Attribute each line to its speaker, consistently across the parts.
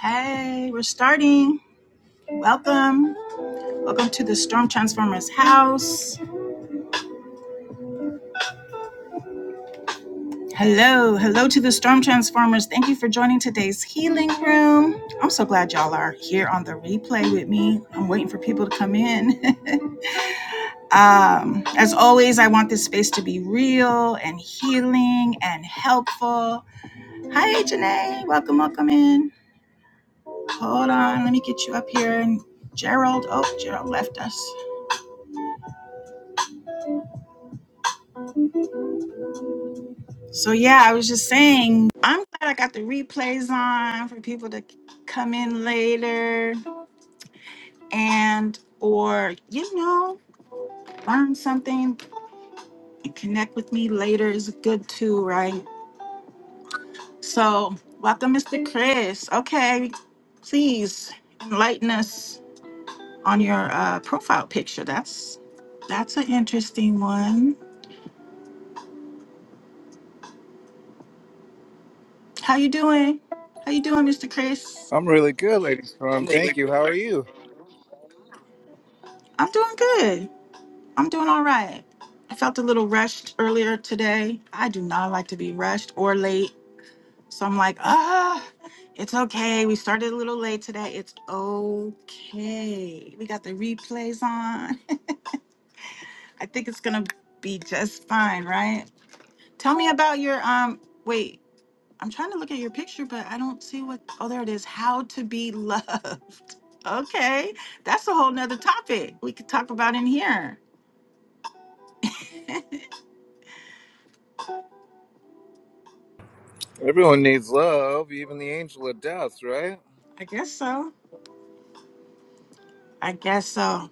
Speaker 1: Hey, we're starting. Welcome. Welcome to the Storm Transformers house. Hello. Hello to the Storm Transformers. Thank you for joining today's healing room. I'm so glad y'all are here on the replay with me. I'm waiting for people to come in. um, as always, I want this space to be real and healing and helpful. Hi, Janae. Welcome, welcome in. Hold on. Let me get you up here. And Gerald, oh, Gerald left us. So yeah, I was just saying, I'm glad I got the replays on for people to come in later and or you know, learn something and connect with me later is good too, right? So, welcome Mr. Chris. Okay, please enlighten us on your uh, profile picture. That's that's an interesting one. How you doing? How you doing, Mr. Chris?
Speaker 2: I'm really good, Lady Storm.
Speaker 1: I'm really
Speaker 2: Thank you.
Speaker 1: good.
Speaker 2: How are you?
Speaker 1: I'm doing good. I'm doing all right. I felt a little rushed earlier today. I do not like to be rushed or late. So I'm like, ah, it's okay. We started a little late today. It's okay. We got the replays on. I think it's gonna be just fine, right? Tell me about your um wait, I'm trying to look at your picture, but I don't see what oh there it is. How to be loved. Okay. That's a whole nother topic we could talk about in here.
Speaker 2: Everyone needs love, even the angel of death, right?
Speaker 1: I guess so. I guess so.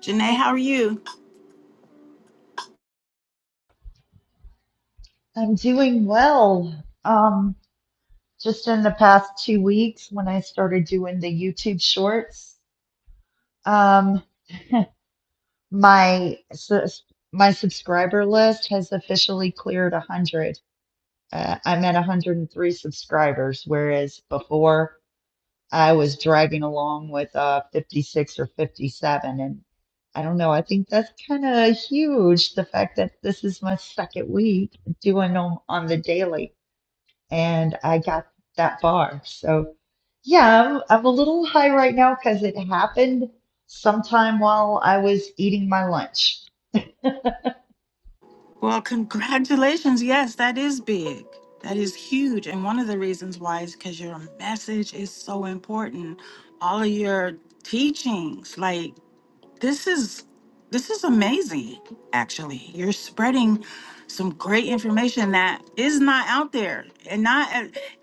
Speaker 1: Janae, how are you?
Speaker 3: I'm doing well. Um, just in the past two weeks, when I started doing the YouTube shorts, um, my sus- my subscriber list has officially cleared 100. Uh, I'm at 103 subscribers, whereas before I was dragging along with uh, 56 or 57. And I don't know, I think that's kind of huge, the fact that this is my second week doing them on the daily. and I got that bar. So yeah, I'm, I'm a little high right now because it happened sometime while I was eating my lunch.
Speaker 1: Well, congratulations. Yes, that is big. That is huge. And one of the reasons why is because your message is so important. All of your teachings, like this is this is amazing, actually. You're spreading some great information that is not out there and not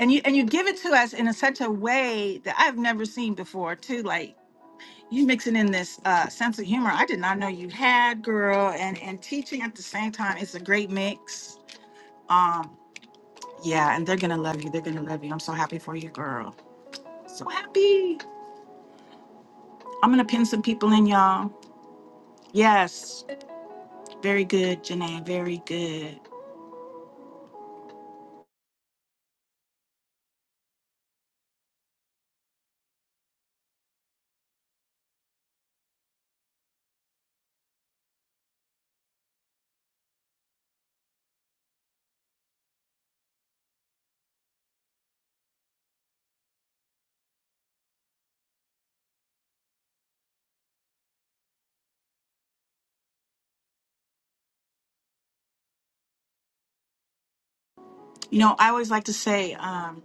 Speaker 1: and you and you give it to us in a, such a way that I've never seen before too. Like You mixing in this uh, sense of humor I did not know you had, girl, and and teaching at the same time. It's a great mix. Um, yeah, and they're gonna love you. They're gonna love you. I'm so happy for you, girl. So happy. I'm gonna pin some people in, y'all. Yes, very good, Janae. Very good. You know, I always like to say, um,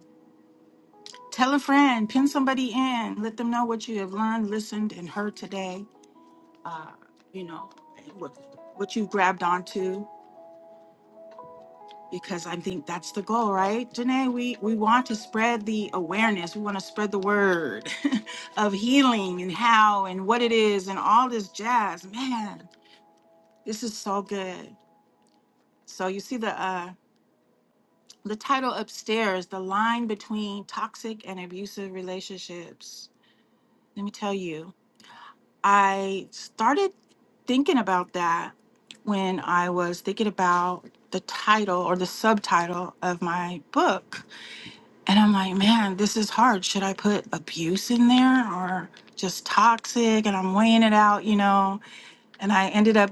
Speaker 1: tell a friend, pin somebody in, let them know what you have learned, listened, and heard today. You know, what what you grabbed onto. because I think that's the goal, right? Janae, we, we want to spread the awareness. We want to spread the word of healing and how and what it is and all this jazz. Man, this is so good. So you see the uh the title upstairs, the line between toxic and abusive relationships. Let me tell you, I started thinking about that when I was thinking about the title or the subtitle of my book And I'm like, man, this is hard. Should I put abuse in there or just toxic? And I'm weighing it out, you know. And I ended up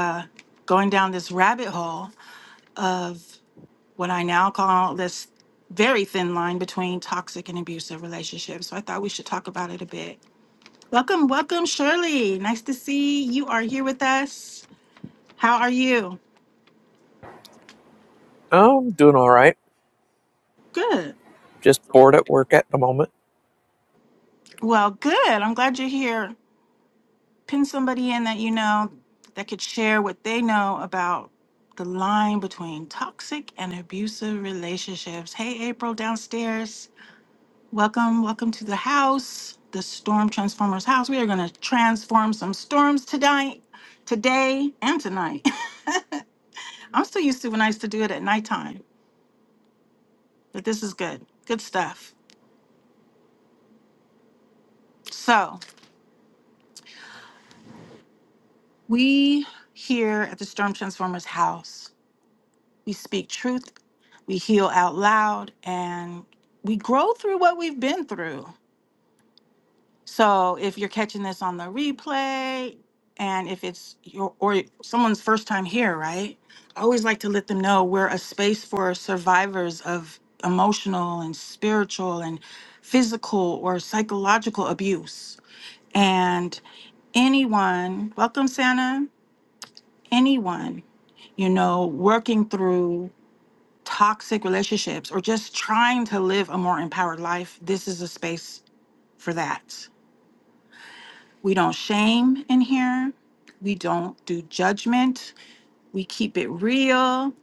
Speaker 1: uh, going down this rabbit hole of what I now call this very thin line between toxic and abusive relationships. So I thought we should talk about it a bit. Welcome, welcome, Shirley. Nice to see you are here with us. How are you?
Speaker 4: Oh, I'm doing all right.
Speaker 1: Good.
Speaker 4: Just bored at work at the moment.
Speaker 1: Well, good. I'm glad you're here. pin somebody in that you know that could share what they know about the line between toxic and abusive relationships. Hey, April downstairs. Welcome, welcome to the house, the Storm Transformers house. We are going to transform some storms tonight, today, and tonight. I'm still used to when I used to do it at nighttime, but this is good. Good stuff. So, we here at the Storm Transformers house we speak truth, we heal out loud, and we grow through what we've been through. So if you're catching this on the replay, and if it's your or someone's first time here, right? I always like to let them know we're a space for survivors of emotional and spiritual and physical or psychological abuse. And anyone, welcome Santa, anyone, you know, working through toxic relationships or just trying to live a more empowered life, this is a space for that. We don't shame in here. We don't do judgment. We keep it real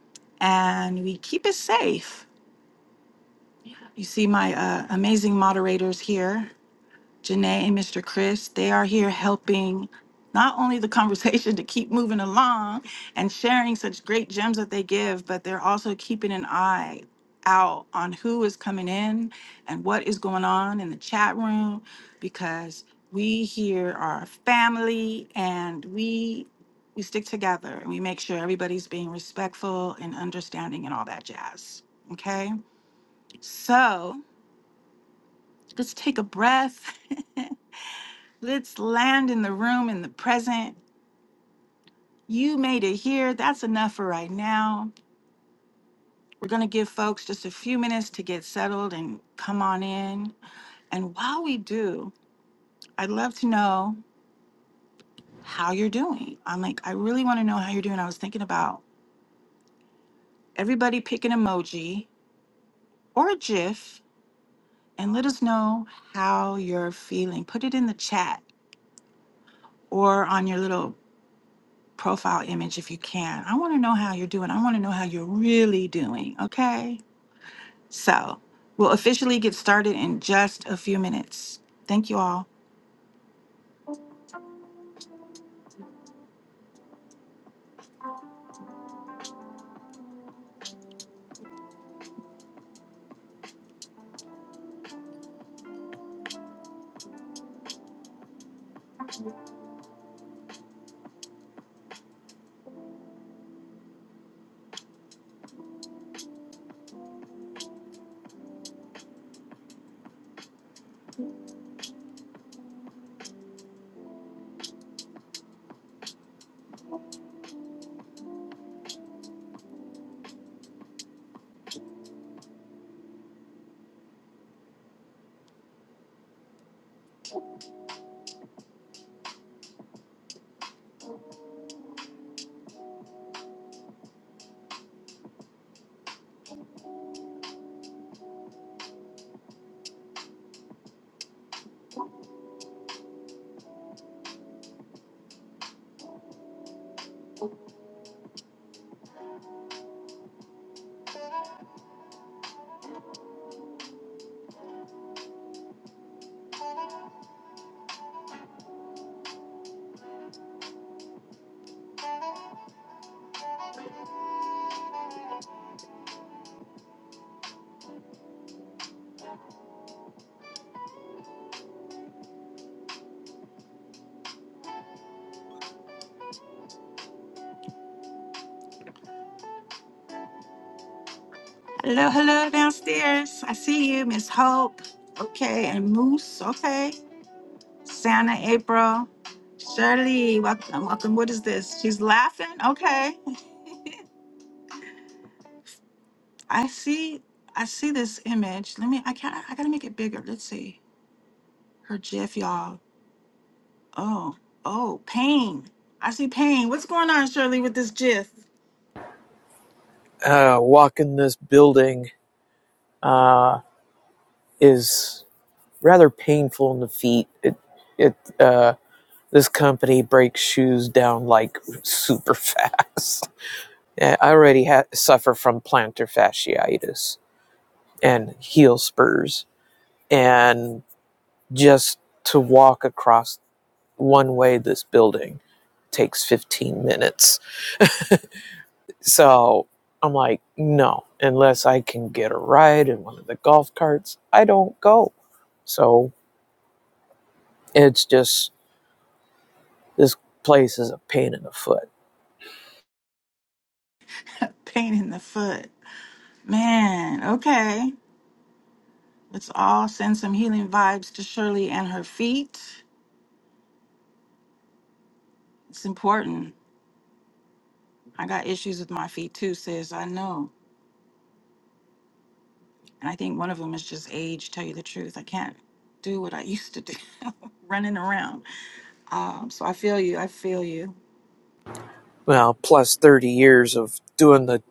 Speaker 1: and we keep it safe. You see my uh, amazing moderators here. Janae and Mr. Chris, they are here helping not only the conversation to keep moving along and sharing such great gems that they give, but they're also keeping an eye out on who is coming in and what is going on in the chat room because we here are a family and we we stick together and we make sure everybody's being respectful and understanding and all that jazz. Okay? So, let's take a breath Let's land in the room in the present. You made it here. That's enough for right now. We're going to give folks just a few minutes to get settled and come on in. And while we do, I'd love to know how you're doing. I'm like, I really want to know how you're doing. I was thinking about everybody pick an emoji or a GIF and let us know how you're feeling. Put it in the chat or on your little profile image if you can. I want to know how you're doing. I want to know how you're really doing. Okay. So we'll officially get started in just a few minutes. Thank you all. Hello, hello downstairs. I see you, Miss Hope. Okay, and Moose. Okay. Santa April. Shirley, welcome, welcome. What is this? She's laughing. Okay. I see I see this image. Let me I can not I gotta make it bigger. Let's see. Her GIF, y'all. Oh, oh, pain. I see pain. What's going on, Shirley, with this GIF?
Speaker 4: Uh, walking this building uh, is rather painful in the feet. It, it, uh, this company breaks shoes down like super fast. I already ha- suffer from plantar fasciitis and heel spurs, and just to walk across one way this building takes 15 minutes So I'm like, no, unless I can get a ride in one of the golf carts, I don't go. So it's just, this place is a pain in the foot.
Speaker 1: pain in the foot. Man, okay. Let's all send some healing vibes to Shirley and her feet. It's important. I got issues with my feet too, sis. I know. And I think one of them is just age, tell you the truth. I can't do what I used to do, running around. Um, so I feel you. I feel you.
Speaker 4: Well, plus 30 years of doing the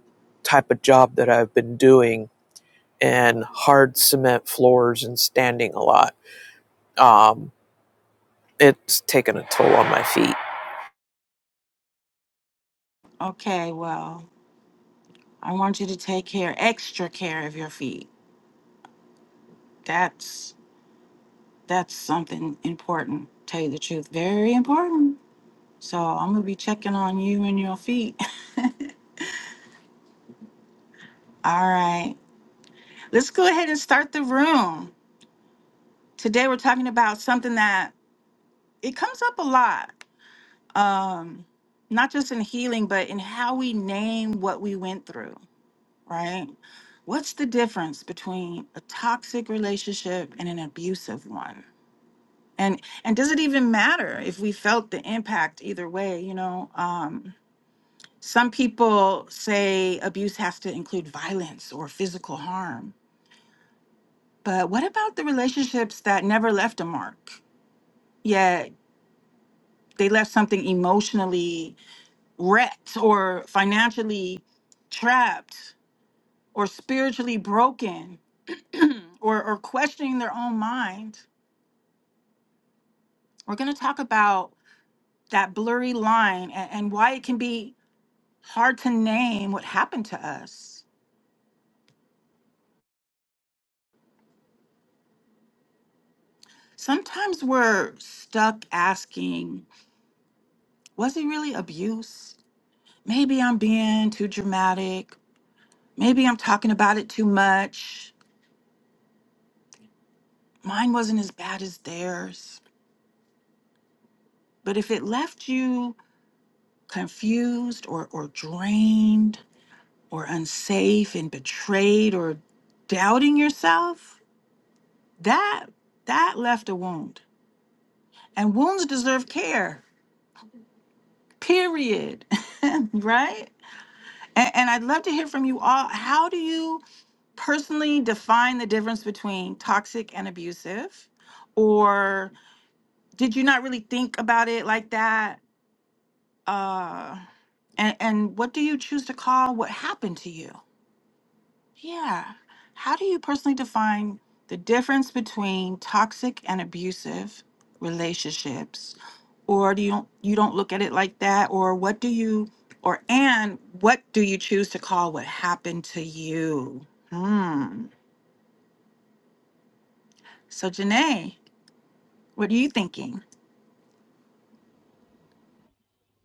Speaker 4: type of job that I've been doing and hard cement floors and standing a lot. Um, it's taken a toll on my feet.
Speaker 1: Okay, well, I want you to take care, extra care of your feet. That's that's something important, tell you the truth. Very important. So I'm gonna be checking on you and your feet. All right. Let's go ahead and start the room. Today we're talking about something that it comes up a lot. Um not just in healing but in how we name what we went through, right? What's the difference between a toxic relationship and an abusive one? And and does it even matter if we felt the impact either way, you know? Um some people say abuse has to include violence or physical harm. But what about the relationships that never left a mark? yeah, they left something emotionally wrecked or financially trapped or spiritually broken or, or questioning their own mind. We're going to talk about that blurry line and, and why it can be hard to name what happened to us. Sometimes we're stuck asking, was it really abuse? Maybe I'm being too dramatic. Maybe I'm talking about it too much. Mine wasn't as bad as theirs. But if it left you confused or, or drained or unsafe and betrayed or doubting yourself, that that left a wound. And wounds deserve care, period. right? And, and I'd love to hear from you all. How do you personally define the difference between toxic and abusive? Or did you not really think about it like that? uh and and what do you choose to call what happened to you yeah how do you personally define the difference between toxic and abusive relationships or do you don't you don't look at it like that or what do you or and what do you choose to call what happened to you hmm so janae what are you thinking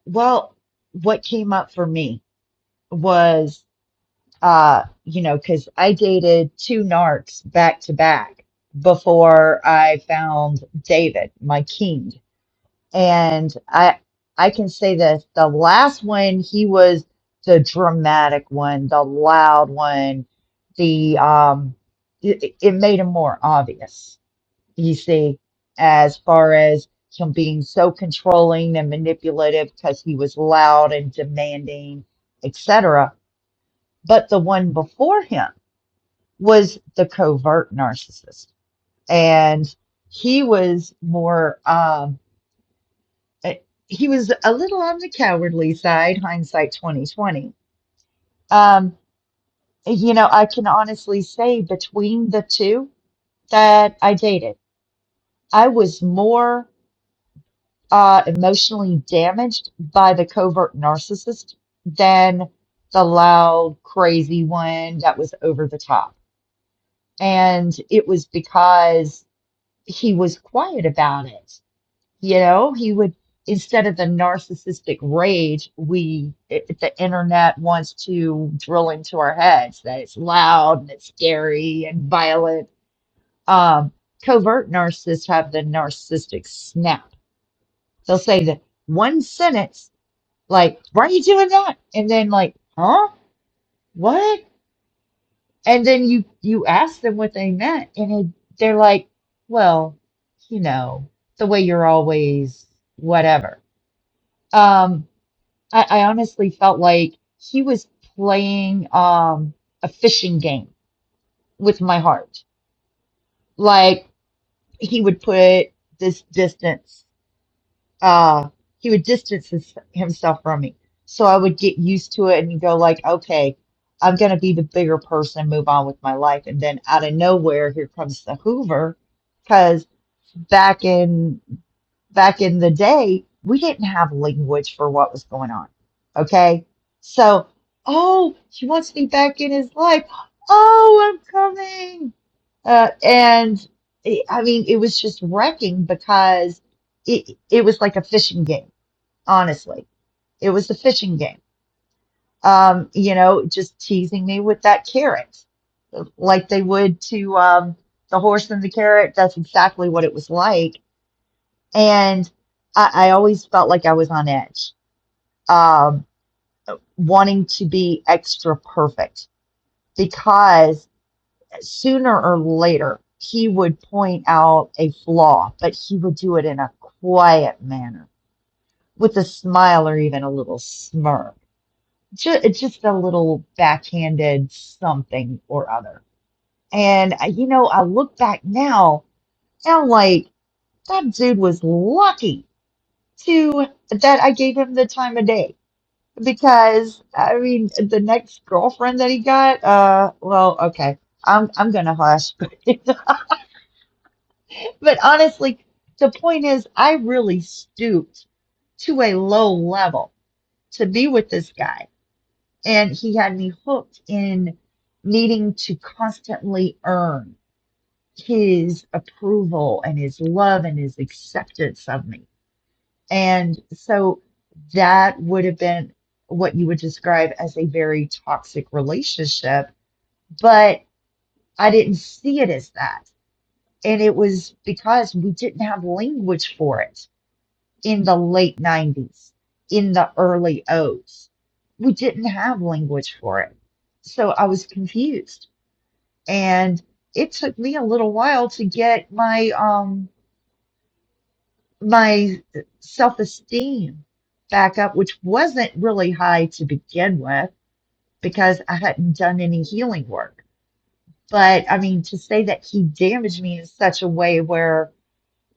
Speaker 3: Well, what came up for me was, uh, you know, because I dated two narcs back to back before I found David, my king. And I I can say this, the last one he was the dramatic one, the loud one, the um it, it made him more obvious, you see, as far as him being so controlling and manipulative because he was loud and demanding, etc. But the one before him was the covert narcissist. And he was more um uh, he was a little on the cowardly side, hindsight 2020. Um, you know, I can honestly say between the two that I dated, I was more uh, emotionally damaged by the covert narcissist than the loud, crazy one that was over the top. And it was because he was quiet about it. You know, he would, instead of the narcissistic rage, we, it, the internet wants to drill into our heads that it's loud and it's scary and violent. Um, covert narcissists have the narcissistic snap. They'll say the one sentence, like, why are you doing that? And then like, huh? What? And then you, you ask them what they meant and it, they're like, well, you know, the way you're always whatever. Um, I, I honestly felt like he was playing um, a fishing game with my heart. Like he would put this distance, uh, he would distance his, himself from me. So I would get used to it and go like, okay, I'm gonna be the bigger person, move on with my life. And then out of nowhere, here comes the Hoover, because back in back in the day, we didn't have language for what was going on. Okay. So, oh, she wants me back in his life. Oh, I'm coming. Uh, and it, I mean, it was just wrecking because it, it was like a fishing game, honestly. It was a fishing game. Um, you know, just teasing me with that carrot, like they would to um, the horse and the carrot. That's exactly what it was like and I, I always felt like I was on edge, um, wanting to be extra perfect because sooner or later he would point out a flaw, but he would do it in a quiet manner with a smile or even a little smirk. Just, just a little backhanded something or other. And, I- you know, I look back now and I'm like, that dude was lucky to that I gave him the time of day because I mean the next girlfriend that he got, uh, well, okay, I'm I'm gonna hush, but honestly, the point is, I really stooped to a low level to be with this guy, and he had me hooked in needing to constantly earn his approval and his love and his acceptance of me. And so that would have been what you would describe as a very toxic relationship, but I didn't see it as that. And it was because we didn't have language for it in the late 90s, in the early O's. We didn't have language for it. So I was confused. And it took me a little while to get my um my self esteem back up, which wasn't really high to begin with because I hadn't done any healing work. But I mean, to say that he damaged me in such a way where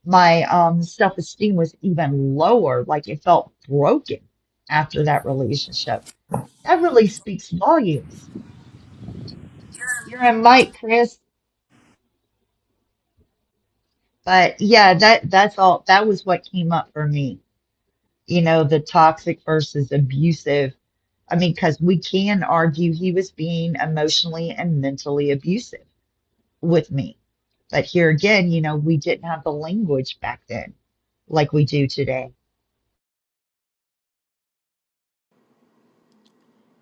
Speaker 3: my um, self esteem was even lower, like it felt broken after that relationship, that really speaks volumes. You're in light, Chris. But yeah, that that's all. That was what came up for me. you know, the toxic versus abusive. I mean, because we can argue he was being emotionally and mentally abusive with me. But here again, you know, we didn't have the language back then like we do today.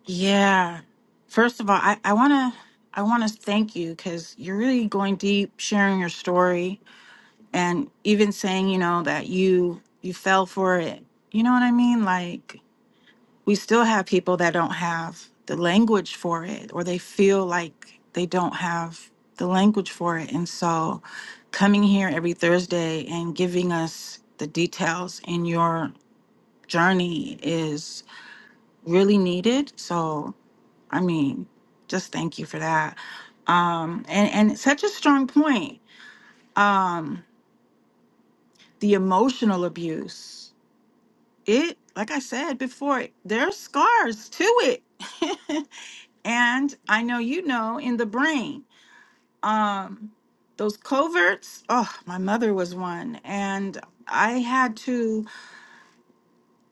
Speaker 1: yeah first of all i i want to i want to thank you because you're really going deep sharing your story and even saying you know that you you fell for it you know what i mean like we still have people that don't have the language for it or they feel like they don't have the language for it and so coming here every thursday and giving us the details in your journey is really needed so i mean just thank you for that um and and such a strong point um the emotional abuse it like i said before there's scars to it and i know you know in the brain um those coverts oh my mother was one and i had to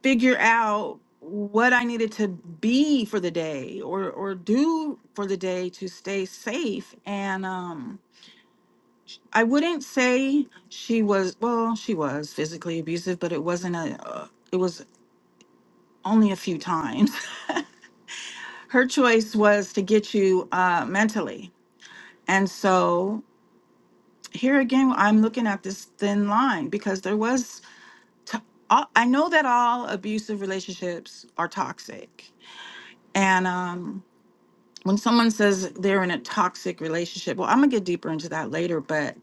Speaker 1: figure out what i needed to be for the day or or do for the day to stay safe and um I wouldn't say she was well, she was physically abusive, but it wasn't a uh, it was only a few times. her choice was to get you uh, mentally. And so here again, I'm looking at this thin line because there was, to- all- I know that all abusive relationships are toxic. And um, when someone says they're in a toxic relationship, well, I'm going to get deeper into that later. But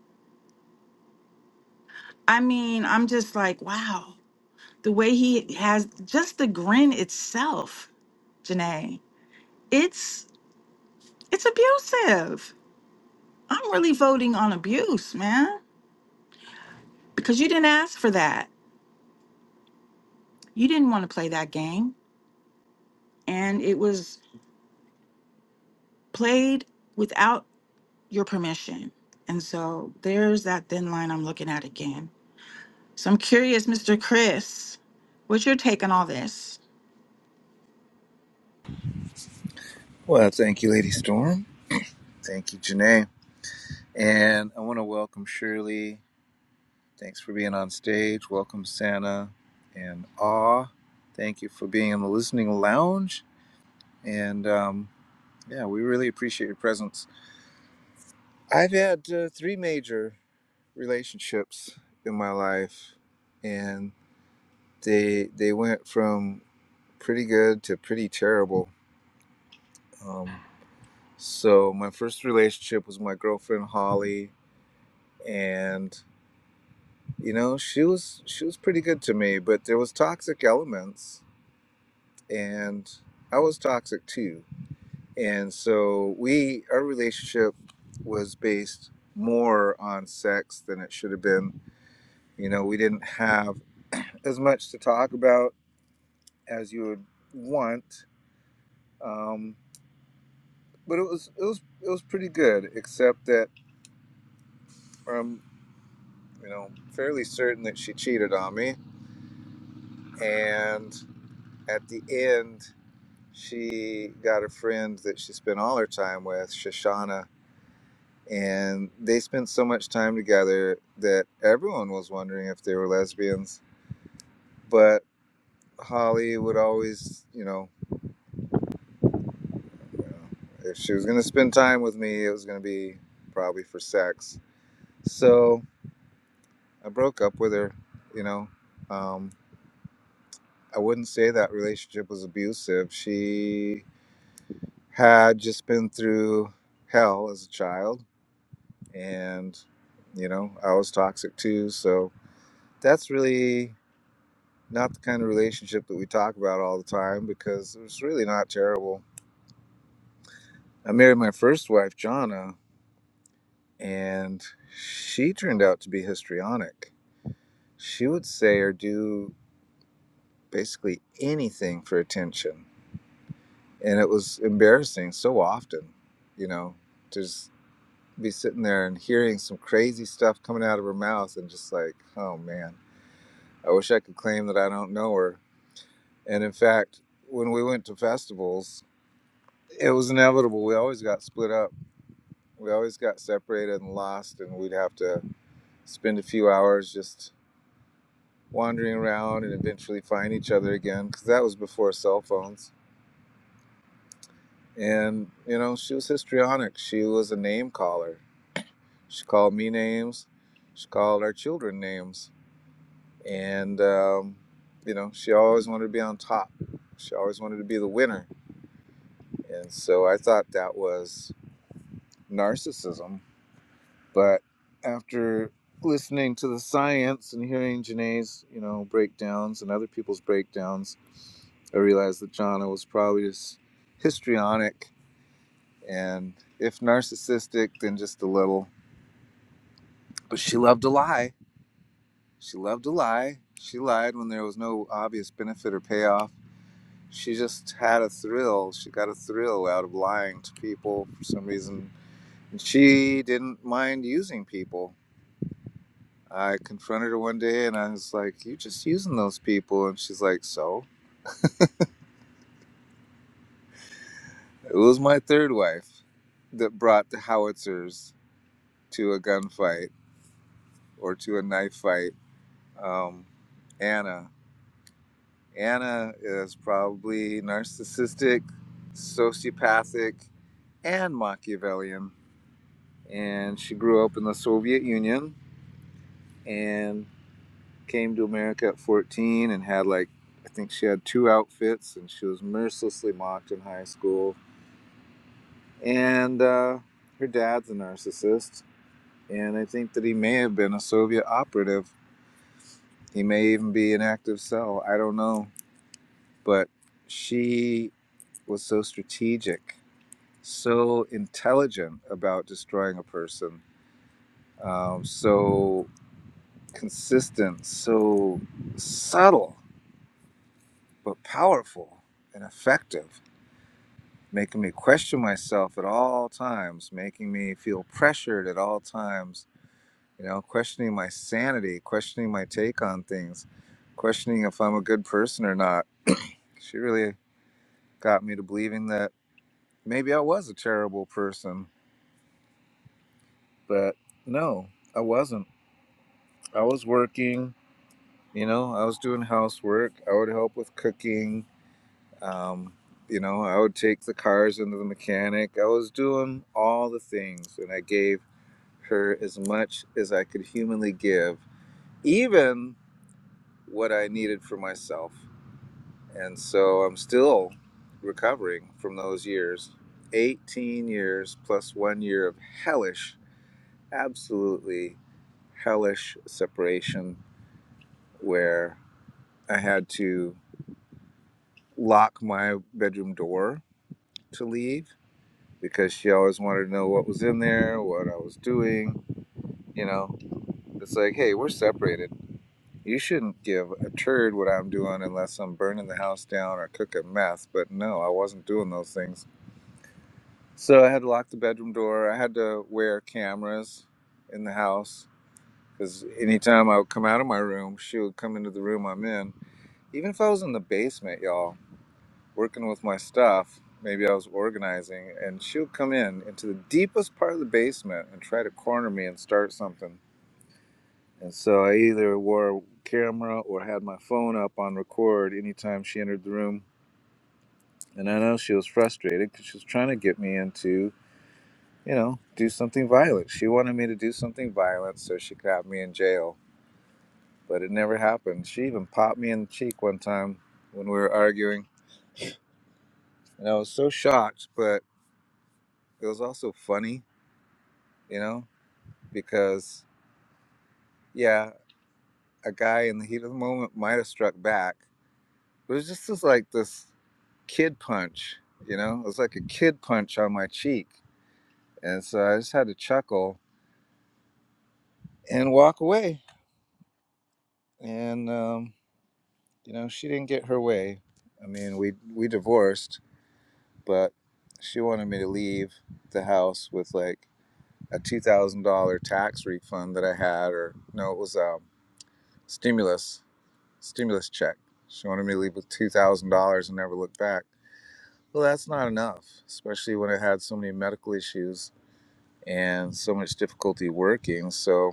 Speaker 1: I mean, I'm just like, wow, the way he has just the grin itself, Janae, it's, it's abusive. I'm really voting on abuse, man. because you didn't ask for that. You didn't want to play that game, and it was played without your permission. And so there's that thin line I'm looking at again. So I'm curious, Mr. Chris, what's your take on all this?
Speaker 2: Well, thank you, Lady Storm. Thank you, Janae. And I want to welcome Shirley. Thanks for being on stage. Welcome, Santa. And Awe. Thank you for being in the listening lounge. And um, yeah, we really appreciate your presence. I've had uh, three major relationships in my life, and they they went from pretty good to pretty terrible Um, so my first relationship was my girlfriend Holly, and you know she was she was pretty good to me, but there was toxic elements, and I was toxic too. And so we our relationship was based more on sex than it should have been. You know, we didn't have as much to talk about as you would want, um, but it was it was it was pretty good, except that. um, you know, fairly certain that she cheated on me. And at the end, she got a friend that she spent all her time with, Shoshana. And they spent so much time together that everyone was wondering if they were lesbians. But Holly would always, you know, you know, if she was going to spend time with me, it was going to be probably for sex. So I broke up with her, you know. Um, I wouldn't say that relationship was abusive. She had just been through hell as a child and you know i was toxic too so that's really not the kind of relationship that we talk about all the time because it was really not terrible i married my first wife jana and she turned out to be histrionic she would say or do basically anything for attention and it was embarrassing so often you know be sitting there and hearing some crazy stuff coming out of her mouth and just like, oh man, I wish I could claim that I don't know her. And in fact, when we went to festivals, it was inevitable. We always got split up. We always got separated and lost, and we'd have to spend a few hours just wandering around and eventually find each other again because that was before cell phones. And, you know, she was histrionic. She was a name caller. She called me names. She called our children names and um, you know she always wanted to be on top she always wanted to be the winner and so i thought that was narcissism but after listening to the science and hearing janae's you know breakdowns and other people's breakdowns i realized that jana was probably just histrionic and if narcissistic then just a little but she loved to lie she loved to lie she lied when there was no obvious benefit or payoff she just had a thrill. She got a thrill out of lying to people for some reason. And she didn't mind using people. I confronted her one day and I was like, You are just using those people. And she's like, So? It was my third wife that brought the howitzers to a gunfight or to a knife fight. Um, Anna. Anna is probably narcissistic, sociopathic, and Machiavellian. And she grew up in the Soviet Union and came to America at 14 and had like I think she had two outfits and she was mercilessly mocked in high school. And uh, her dad's a narcissist, and I think that he may have been a Soviet operative. He may even be an active cell. I don't know, but she was so strategic, so intelligent about destroying a person, um, so consistent, so subtle but powerful and effective, making me question myself at all times, making me feel pressured at all times, you know, questioning my sanity, questioning my take on things, questioning if I'm a good person or not. She really got me to believing that maybe I was a terrible person, but no, I wasn't. I was working, you know, I was doing housework, I would help with cooking, Um, you know, I would take the cars into the mechanic. I was doing all the things, and I gave her as much as I could humanly give, even what I needed for myself. And so I'm still recovering from those years 18 years plus one year of hellish, absolutely hellish separation where I had to lock my bedroom door to leave because she always wanted to know what was in there, what I was doing. You know, it's like, hey, we're separated. You shouldn't give a turd what I'm doing unless I'm burning the house down or cooking meth. But no, I wasn't doing those things. So I had to lock the bedroom door. I had to wear cameras in the house because anytime I would come out of my room, she would come into the room I'm in. Even if I was in the basement, y'all, working with my stuff. Maybe I was organizing, and she would come in into the deepest part of the basement and try to corner me and start something. And so I either wore a camera or had my phone up on record anytime she entered the room. And I know she was frustrated because she was trying to get me into, you know, do something violent. She wanted me to do something violent so she could have me in jail, but it never happened. She even popped me in the cheek one time when we were arguing. And I was so shocked, but it was also funny, you know? because yeah, a guy in the heat of the moment might have struck back, but it was just this like this kid punch, you know? It was like a kid punch on my cheek, and so I just had to chuckle and walk away. And um, you know, she didn't get her way. I mean, we we divorced, but she wanted me to leave the house with like a two thousand dollar tax refund that I had, or no, it was um, stimulus stimulus check. She wanted me to leave with $2,000 and never look back. Well, that's not enough, especially when I had so many medical issues and so much difficulty working. So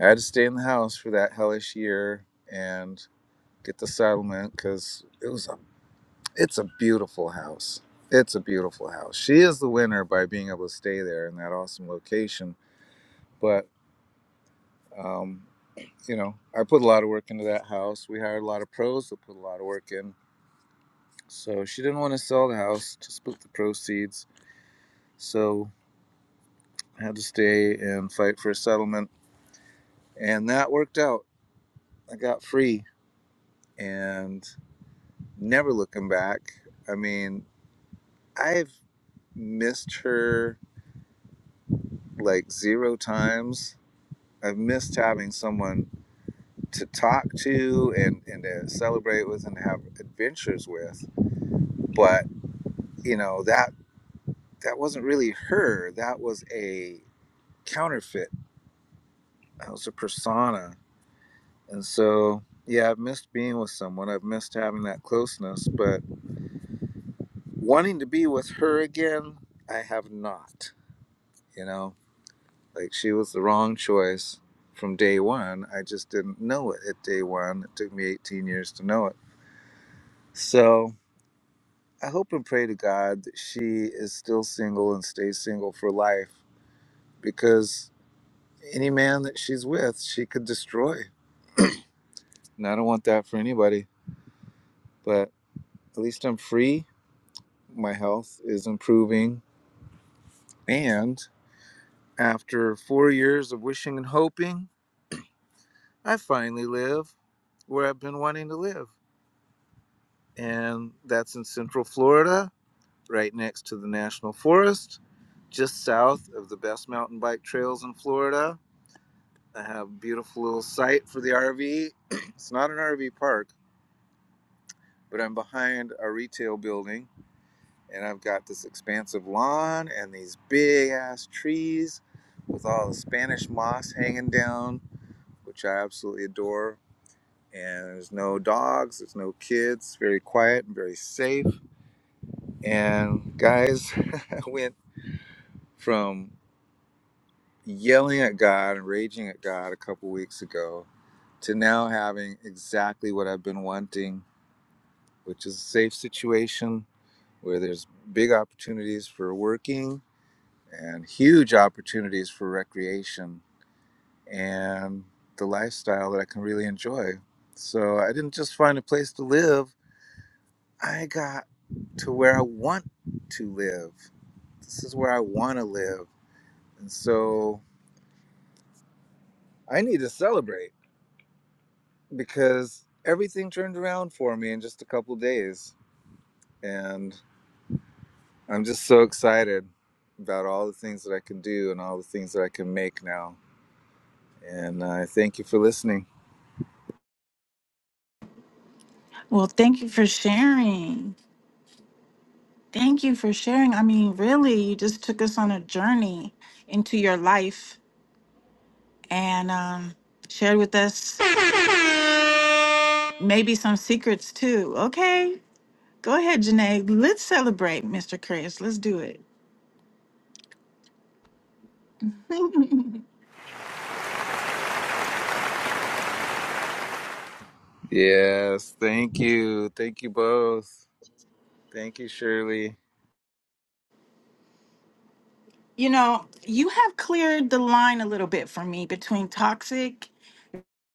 Speaker 2: I had to stay in the house for that hellish year and get the settlement because it was a, it's a beautiful house. It's a beautiful house. She is the winner by being able to stay there in that awesome location. But um, you know, I put a lot of work into that house. We hired a lot of pros that put a lot of work in. So she didn't want to sell the house to split the proceeds. So I had to stay and fight for a settlement. And that worked out. I got free and never looking back. I mean, I've missed her like zero times. I've missed having someone to talk to and, and to celebrate with and have adventures with. But, you know, that that wasn't really her. That was a counterfeit. That was a persona And so, yeah, I've missed being with someone. I've missed having that closeness, but wanting to be with her again, I have not. You know, like she was the wrong choice from day one. I just didn't know it at day one. It took me 18 years to know it. So I hope and pray to God that she is still single and stays single for life because any man that she's with, she could destroy. And I don't want that for anybody, but at least I'm free. My health is improving And after four years of wishing and hoping, I finally live where I've been wanting to live. And that's in Central Florida, right next to the National Forest, just south of the best mountain bike trails in Florida. I have a beautiful little site for the RV. it's not an RV park, but I'm behind a retail building and I've got this expansive lawn and these big ass trees with all the Spanish moss hanging down which I absolutely adore. And there's no dogs, there's no kids, very quiet and very safe. And guys, I went from yelling at God and raging at God a couple weeks ago to now having exactly what I've been wanting, which is a safe situation where there's big opportunities for working and huge opportunities for recreation and the lifestyle that I can really enjoy. So I didn't just find a place to live. I got to where I want to live. This is where I want to live. And so I need to celebrate because everything turned around for me in just a couple days. And I'm just so excited about all the things that I can do and all the things that I can make now. And I thank you for listening.
Speaker 1: Well, thank you for sharing. Thank you for sharing. I mean, really, you just took us on a journey into your life and um, shared with us maybe some secrets too. Okay, go ahead, Janae. Let's celebrate, Mr. Chris. Let's do it.
Speaker 2: Yes, thank you. Thank you both. Thank you, Shirley.
Speaker 1: You know, you have cleared the line a little bit for me between toxic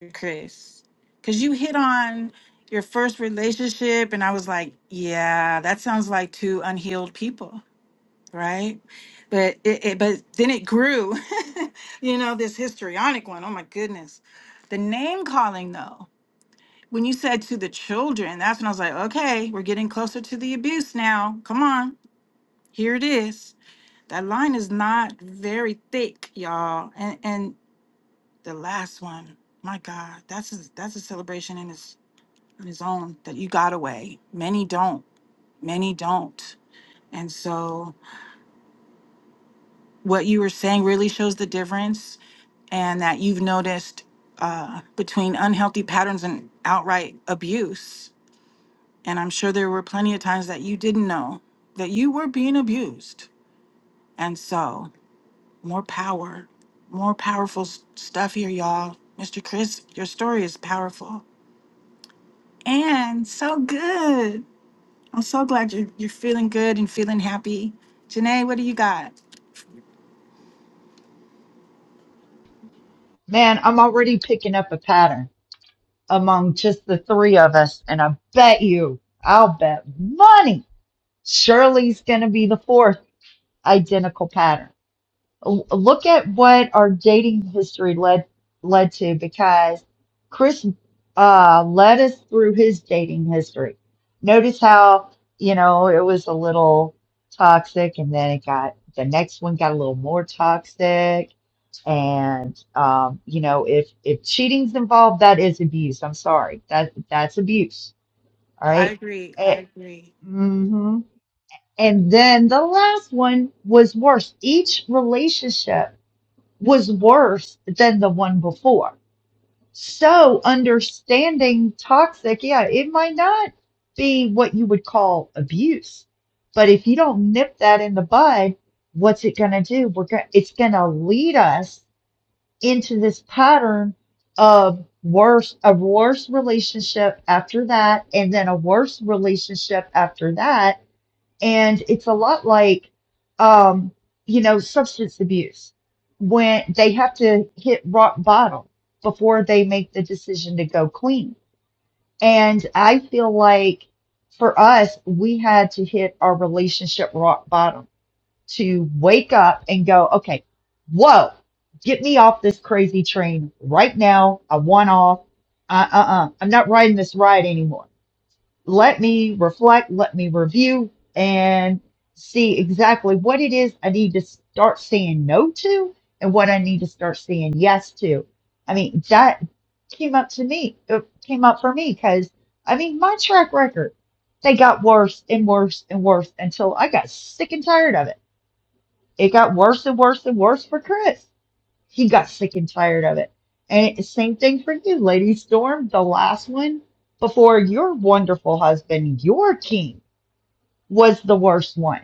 Speaker 1: and Chris. Cause you hit on your first relationship and I was like, yeah, that sounds like two unhealed people, right? But it, it but then it grew. you know, this histrionic one. Oh my goodness. The name calling though. When you said to the children, that's when I was like, okay, we're getting closer to the abuse now. Come on. Here it is That line is not very thick, y'all. And and the last one, my God, that's a, that's a celebration in its in its own that you got away. Many don't. Many don't. And so what you were saying really shows the difference, and that you've noticed uh, between unhealthy patterns and outright abuse. And I'm sure there were plenty of times that you didn't know that you were being abused. And so More power. More powerful s- stuff here, y'all. Mr. Chris, your story is powerful and so good. I'm so glad you're, you're feeling good and feeling happy. Janae, what do you got?
Speaker 3: Man, I'm already picking up a pattern among just the three of us. And I bet you, I'll bet money, Shirley's going to be the fourth identical pattern. L- Look at what our dating history led led to because Chris uh, led us through his dating history. Notice how, you know, it was a little toxic and then it got the next one got a little more toxic. And um, you know, if if cheating's involved, that is abuse. I'm sorry. That that's abuse. All
Speaker 1: I
Speaker 3: right.
Speaker 1: agree. I
Speaker 3: It,
Speaker 1: agree.
Speaker 3: mhm. And then the last one was worse. Each relationship was worse than the one before. So understanding toxic, yeah, it might not be what you would call abuse, but if you don't nip that in the bud, what's it going to do? We're going it's going to lead us into this pattern of worse a worse relationship after that and then a worse relationship after that and it's a lot like, um, you know, substance abuse when they have to hit rock bottom before they make the decision to go clean. And I feel like for us, we had to hit our relationship rock bottom to wake up and go, okay, whoa, get me off this crazy train right now. I want off. Uh uh uh. I'm not riding this ride anymore let me reflect, let me review, and see exactly what it is I need to start saying no to and what I need to start saying yes to. I mean, that came up to me, it came up for me because I mean, my track record, they got worse and worse and worse until I got sick and tired of it. It got worse and worse and worse for Chris. He got sick and tired of it. And it, same thing for you, Lady Storm, the last one before your wonderful husband, your king, was the worst one.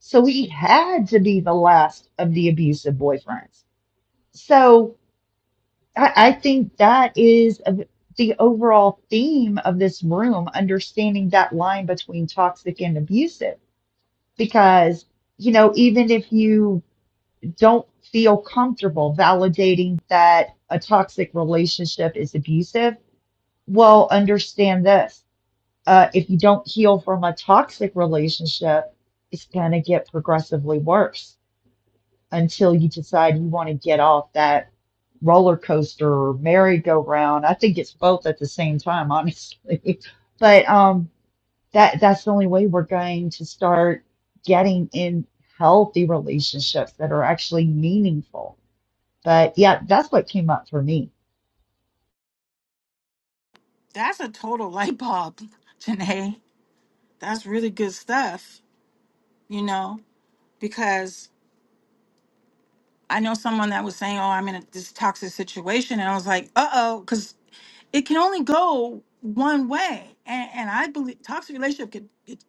Speaker 3: So he had to be the last of the abusive boyfriends. So I, I think that is a, the overall theme of this room, understanding that line between toxic and abusive. Because, you know, even if you don't feel comfortable validating that a toxic relationship is abusive, well, understand this. Uh, if you don't heal from a toxic relationship, it's going to get progressively worse until you decide you want to get off that roller coaster or merry-go-round. I think it's both at the same time, honestly. But um, that that's the only way we're going to start getting in healthy relationships that are actually meaningful but yeah, that's what came up for me.
Speaker 1: That's a total light bulb, Janae. That's really good stuff, you know, because I know someone that was saying, oh, I'm in a, this toxic situation. And I was like, uh oh, because. it can only go one way. And, and I believe toxic relationship could could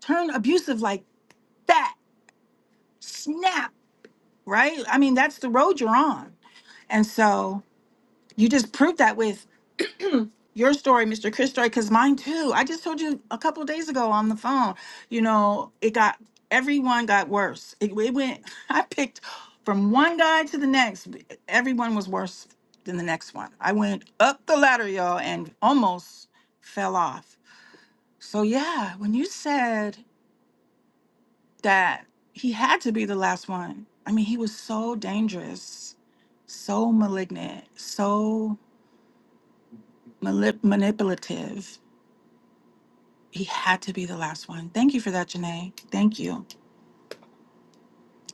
Speaker 1: turn abusive like that, snap, right? I mean, that's the road you're on. And so you just proved that with your story, Mr. Chris story, because mine too. I just told you a couple days ago on the phone, you know, it got, everyone got worse. It, it went, I picked from one guy to the next. Everyone was worse than the next one. I went up the ladder, y'all, and almost fell off. So yeah, when you said that he had to be the last one, I mean, he was so dangerous, so malignant, so malip- manipulative. He had to be the last one. Thank you for that, Janae. Thank you.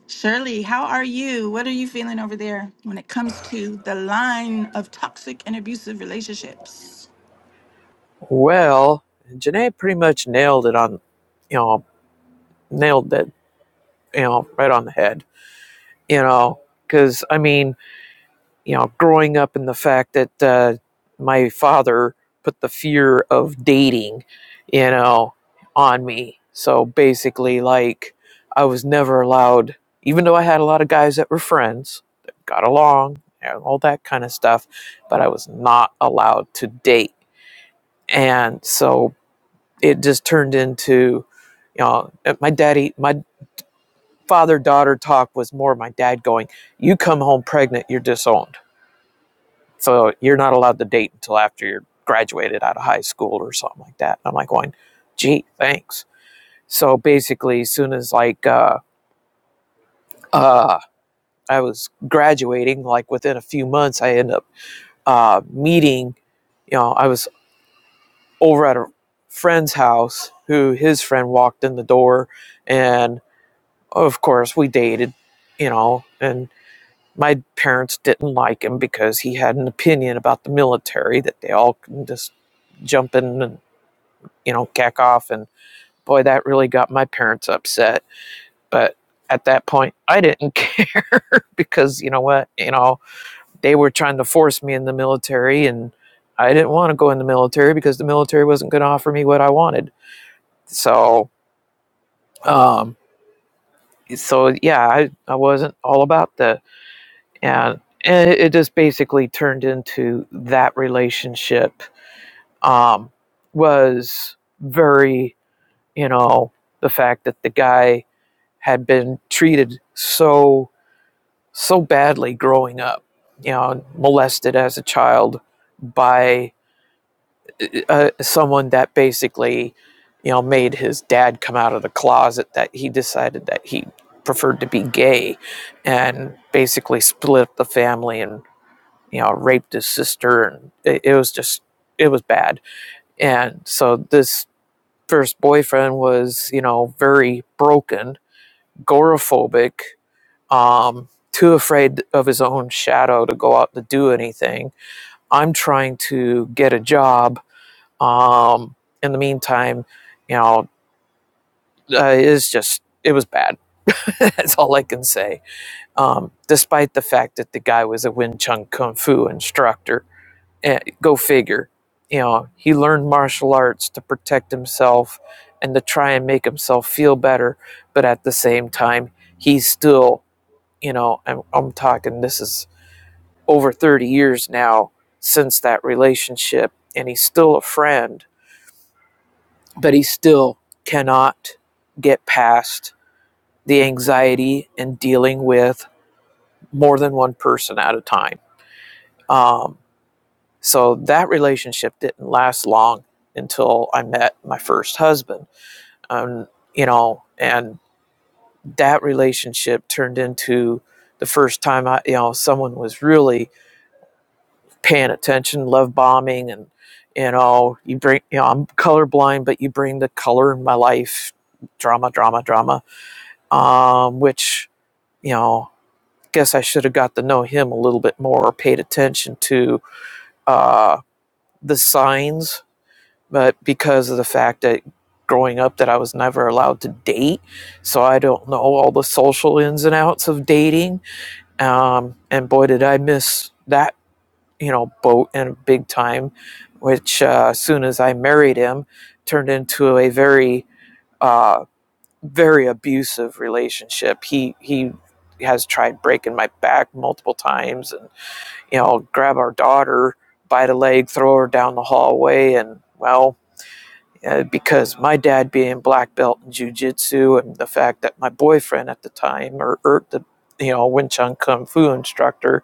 Speaker 1: Shirley, how are you? What are you feeling over there when it comes to the line of toxic and abusive relationships?
Speaker 4: Well, Janae pretty much nailed it on, you know, nailed that, you know, right on the head you know, because I mean, you know, growing up in the fact that uh, my father put the fear of dating, you know, on me. So basically, like, I was never allowed, even though I had a lot of guys that were friends, that got along, and all that kind of stuff, but I was not allowed to date. And so it just turned into, you know, my daddy, my father daughter talk was more my dad going, You come home pregnant, you're disowned. So you're not allowed to date until after you're graduated out of high school or something like that. And I'm like going, gee, thanks. So basically as soon as like uh uh I was graduating, like within a few months I end up uh meeting, you know, I was over at a friend's house who his friend walked in the door and of course we dated, you know, and My parents didn't like him because he had an opinion about the military that they all can just jump in and, you know, cack off. And boy, that really got my parents upset. But at that point, I didn't care because, you know what, you know, they were trying to force me in the military and I didn't want to go in the military because the military wasn't going to offer me what I wanted. So, um, so yeah, I, I wasn't all about that, and, and it just basically turned into that relationship um, was very, you know, the fact that the guy had been treated so so badly growing up, you know, molested as a child by uh, someone that basically, you know, made his dad come out of the closet that he decided that he preferred to be gay, and basically split up the family and you know raped his sister, and it, it was just it was bad, and so this first boyfriend was, you know, very broken, agoraphobic, um, too afraid of his own shadow to go out to do anything. I'm trying to get a job. Um, in the meantime, you know, uh, it's just, it was bad. That's all I can say. Um, despite the fact that the guy was a Wing Chun Kung Fu instructor. Eh, go figure. You know, he learned martial arts to protect himself and to try and make himself feel better, but at the same time, he's still, you know, I'm, I'm talking this is over 30 years now since that relationship, and he's still a friend, but he still cannot get past the anxiety and dealing with more than one person at a time. Um, So that relationship didn't last long until I met my first husband. Um, you know, and that relationship turned into the first time I, you know, someone was really paying attention, love bombing, and you know, you bring, you know, I'm colorblind, but you bring the color in my life, drama, drama, drama. Um, which you know, guess I should have got to know him a little bit more, or paid attention to uh, the signs but because of the fact that growing up that I was never allowed to date, so I don't know all the social ins and outs of dating. Um, and boy, did I miss that you know boat in big time, which uh, as soon as I married him, turned into a very uh, very abusive relationship. He he has tried breaking my back multiple times, and you know grab our daughter by the leg, throw her down the hallway, and well uh, because my dad being black belt in jujitsu and the fact that my boyfriend at the time, or, or the you know Wing Chun Kung Fu instructor,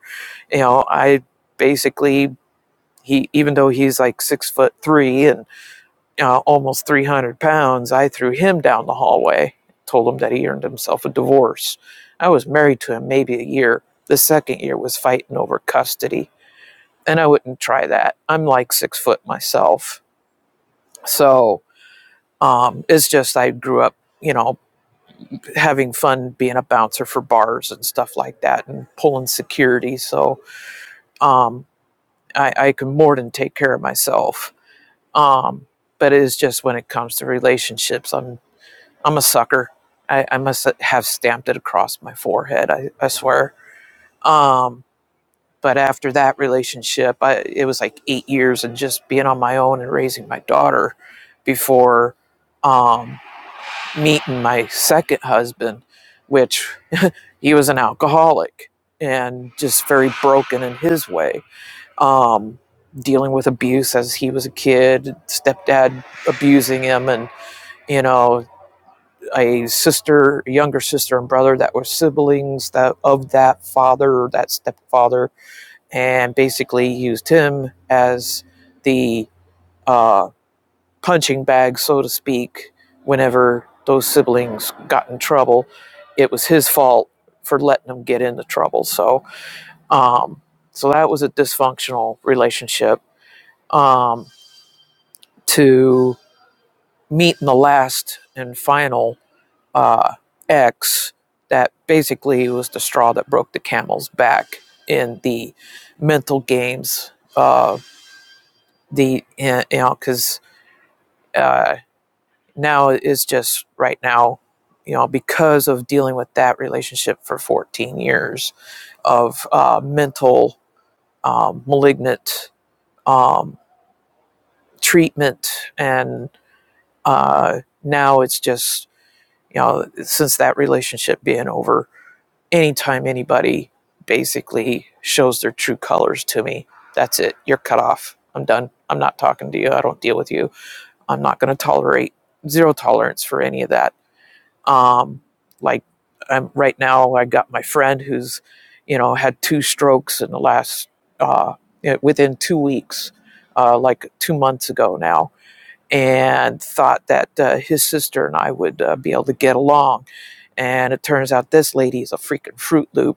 Speaker 4: you know, I basically he even though he's like six foot three and uh, almost three hundred pounds, I threw him down the hallway. Told him that he earned himself a divorce. I was married to him maybe a year. The second year was fighting over custody, and I wouldn't try that. I'm like six foot myself, so Um, it's just I grew up, you know, having fun being a bouncer for bars and stuff like that and pulling security. So um, I, I can more than take care of myself. Um, but it is just when it comes to relationships, I'm I'm a sucker. I, I must have stamped it across my forehead. I, I swear. Um, but after that relationship, I, it was like eight years and just being on my own and raising my daughter before. Um, meeting my second husband, which he was an alcoholic and just very broken in his way, um, dealing with abuse as he was a kid, stepdad abusing him, and you know a sister, a younger sister and brother that were siblings that of that father or that stepfather, and basically used him as the uh, punching bag, so to speak, whenever those siblings got in trouble. It was his fault for letting them get into trouble. So, um, so that was a dysfunctional relationship. Um, to meet in the last and final uh, ex, that basically was the straw that broke the camel's back in the mental games. Uh, the you know because uh, now is just right now you know because of dealing with that relationship for 14 years of uh, mental um, malignant um, treatment and uh, now it's just you know since that relationship being over anytime anybody basically shows their true colors to me that's it you're cut off i'm done i'm not talking to you i don't deal with you i'm not going to tolerate zero tolerance for any of that Um, like I'm, right now, I got my friend who's, you know, had two strokes in the last, uh, within two weeks, uh, like two months ago now, and thought that uh, his sister and I would uh, be able to get along. And it turns out this lady is a freaking Fruit Loop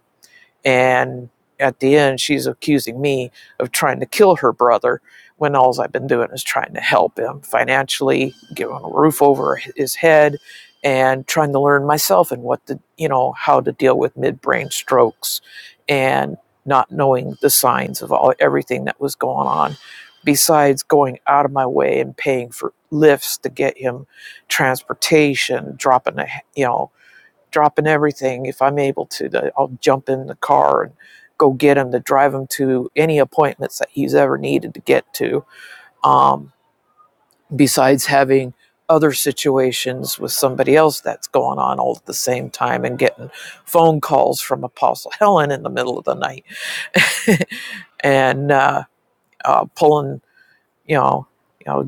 Speaker 4: and at the end, she's accusing me of trying to kill her brother when all I've been doing is trying to help him financially, give a roof over his head, and trying to learn myself and what to, you know, how to deal with midbrain strokes and not knowing the signs of all everything that was going on besides going out of my way and paying for lifts to get him transportation dropping a you know dropping everything if I'm able to. I'll jump in the car and go get him to drive him to any appointments that he's ever needed to get to. Um, besides having other situations with somebody else that's going on all at the same time and getting phone calls from Apostle Helen in the middle of the night and uh, uh, pulling, you know, you know,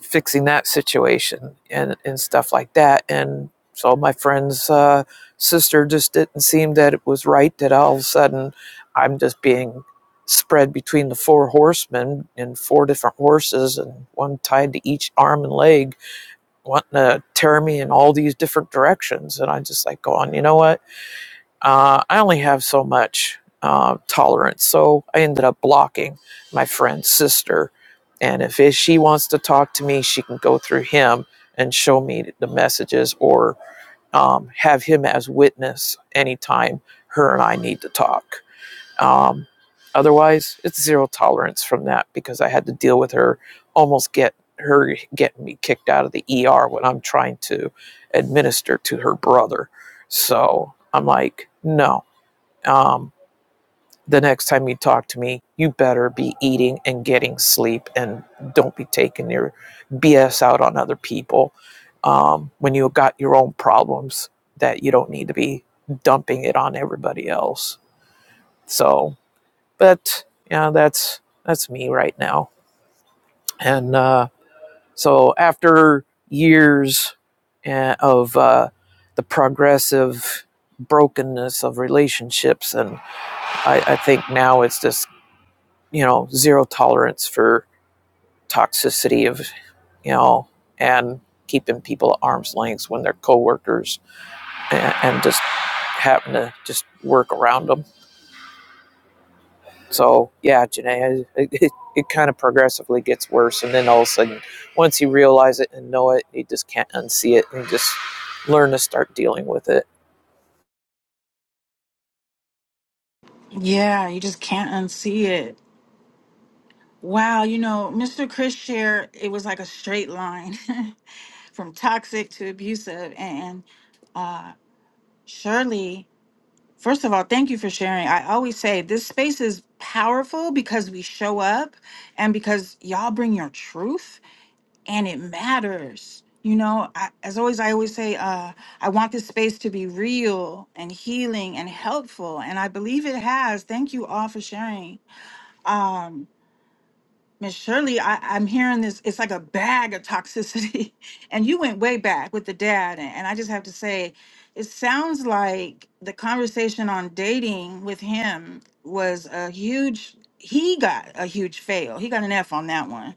Speaker 4: fixing that situation and and stuff like that. And so my friend's uh, sister just didn't seem that it was right that all of a sudden I'm just being spread between the four horsemen and four different horses and one tied to each arm and leg wanting to tear me in all these different directions and i just like go on you know what uh, I only have so much uh, tolerance, so I ended up blocking my friend's sister. And if it, she wants to talk to me, she can go through him and show me the messages or um, have him as witness anytime her and I need to talk. Um, otherwise, it's zero tolerance from that because I had to deal with her almost get her getting me kicked out of the ER when I'm trying to administer to her brother. So I'm like, no, um, the next time you talk to me, you better be eating and getting sleep and don't be taking your BS out on other people um, when you got your own problems that you don't need to be dumping it on everybody else. So, but yeah, that's that's me right now. And uh, so after years eh, of uh, the progressive brokenness of relationships and I, I think now it's just you know, zero tolerance for toxicity of, you know, and keeping people at arm's length when they're coworkers and, and just having to just work around them. So yeah, Janae, it, it, it kind of progressively gets worse, and then all of a sudden, once you realize it and know it, you just can't unsee it and just learn to start dealing with it.
Speaker 1: Yeah, you just can't unsee it. Wow, you know, Mr. Chris share it was like a straight line from toxic to abusive. And uh, Shirley, first of all, thank you for sharing. I always say this space is powerful because we show up and because y'all bring your truth and it matters. You know, I, as always, I always say, uh, I want this space to be real and healing and helpful. And I believe it has. Thank you all for sharing. Um, Miss Shirley, I, I'm hearing this. It's like a bag of toxicity, and you went way back with the dad. And, and I just have to say, it sounds like the conversation on dating with him was a huge. He got a huge fail. He got an F on that one,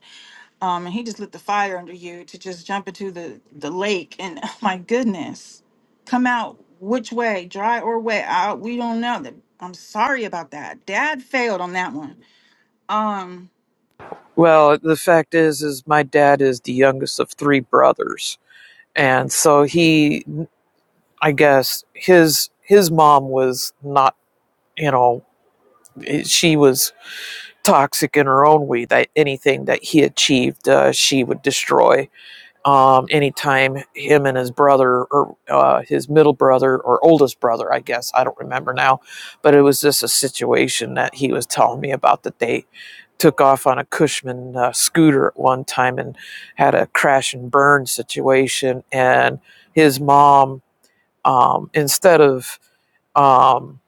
Speaker 1: um, and he just lit the fire under you to just jump into the the lake. And oh my goodness, come out which way, dry or wet? I, we don't know. I'm sorry about that. Dad failed on that one. Um
Speaker 4: Well, the fact is, is my dad is the youngest of three brothers, and so he I guess his his mom was not, you know, eh, she was toxic in her own way. That anything that he achieved, uh, she would destroy. Um, anytime him and his brother, or uh, his middle brother, or oldest brother, I guess I don't remember now, but it was just a situation that he was telling me about that they took off on a Cushman uh, scooter at one time and had a crash and burn situation, and his mom um, instead of um,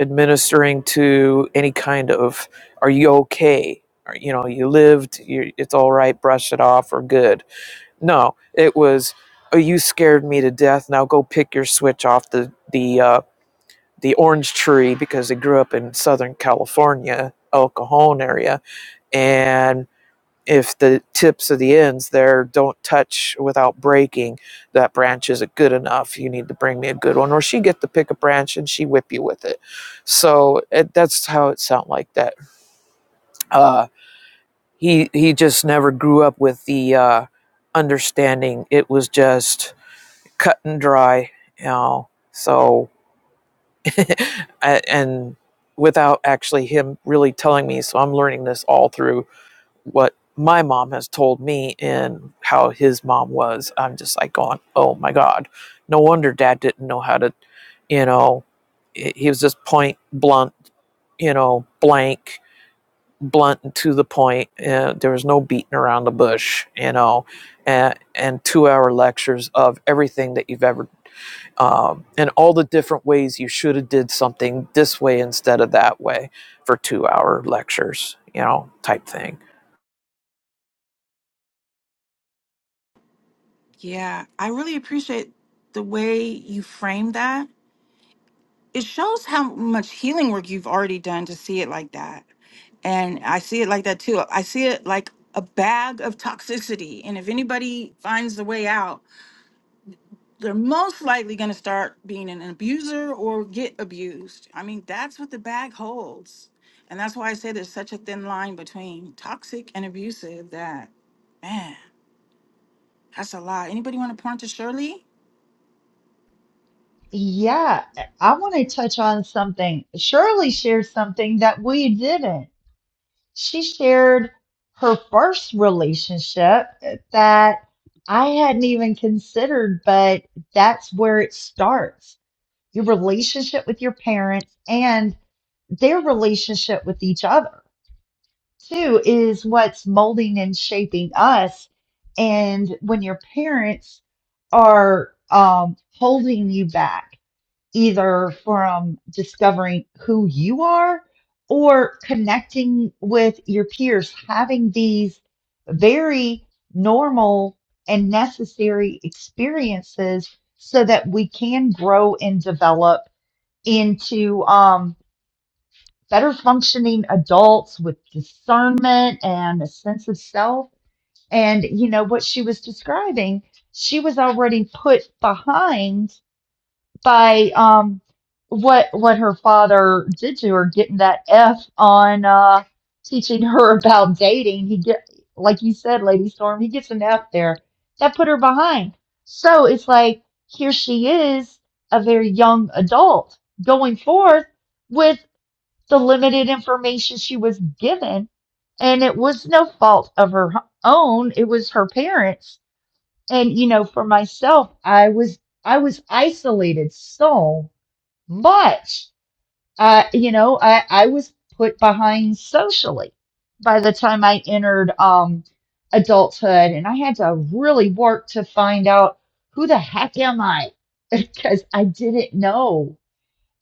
Speaker 4: administering to any kind of are you okay Are- you know you lived you it's all right brush it off or good no it was oh you scared me to death now go pick your switch off the the uh, the orange tree because they grew up in southern california el cajon area and if the tips of the ends there don't touch without breaking, that branch isn't good enough. You need to bring me a good one. Or she get to pick a branch and she whip you with it. So it, that's how it sound like that. Uh, he he just never grew up with the uh, understanding. It was just cut and dry, you know. So and without actually him really telling me, so I'm learning this all through what my mom has told me and how his mom was, I'm just like going, oh my God. No wonder dad didn't know how to, you know, he was just point blunt, you know, blank, blunt and to the point. Uh, there was no beating around the bush, you know, and, and two hour lectures of everything that you've ever um, and all the different ways you should have did something this way instead of that way for two hour lectures you know type thing
Speaker 1: Yeah, I really appreciate the way you frame that. It shows how much healing work you've already done to see it like that. And I see it like that too. I see it like a bag of toxicity. And if anybody finds the way out, they're most likely going to start being an abuser or get abused. I mean, that's what the bag holds. And that's why I say there's such a thin line between toxic and abusive that, man, that's a lot. Anybody want to point to Shirley?
Speaker 3: Yeah, I want to touch on something. Shirley shared something that we didn't. She shared her first relationship that I hadn't even considered, but that's where it starts. Your relationship with your parents and their relationship with each other. too is what's molding and shaping us. And when your parents are um, holding you back, either from discovering who you are or connecting with your peers, having these very normal and necessary experiences so that we can grow and develop into um, better functioning adults with discernment and a sense of self. And, you know, what she was describing, she was already put behind by um, what what her father did to her, getting that F on uh, teaching her about dating. He get like you said, Lady Storm, he gets an F there. That put her behind. So it's like here she is, a very young adult going forth with the limited information she was given. And it was no fault of her own. It was her parents. And, you know, for myself, I was, I was isolated so much. Uh, you know, I, I was put behind socially by the time I entered, um, adulthood and I had to really work to find out who the heck am I? Because I didn't know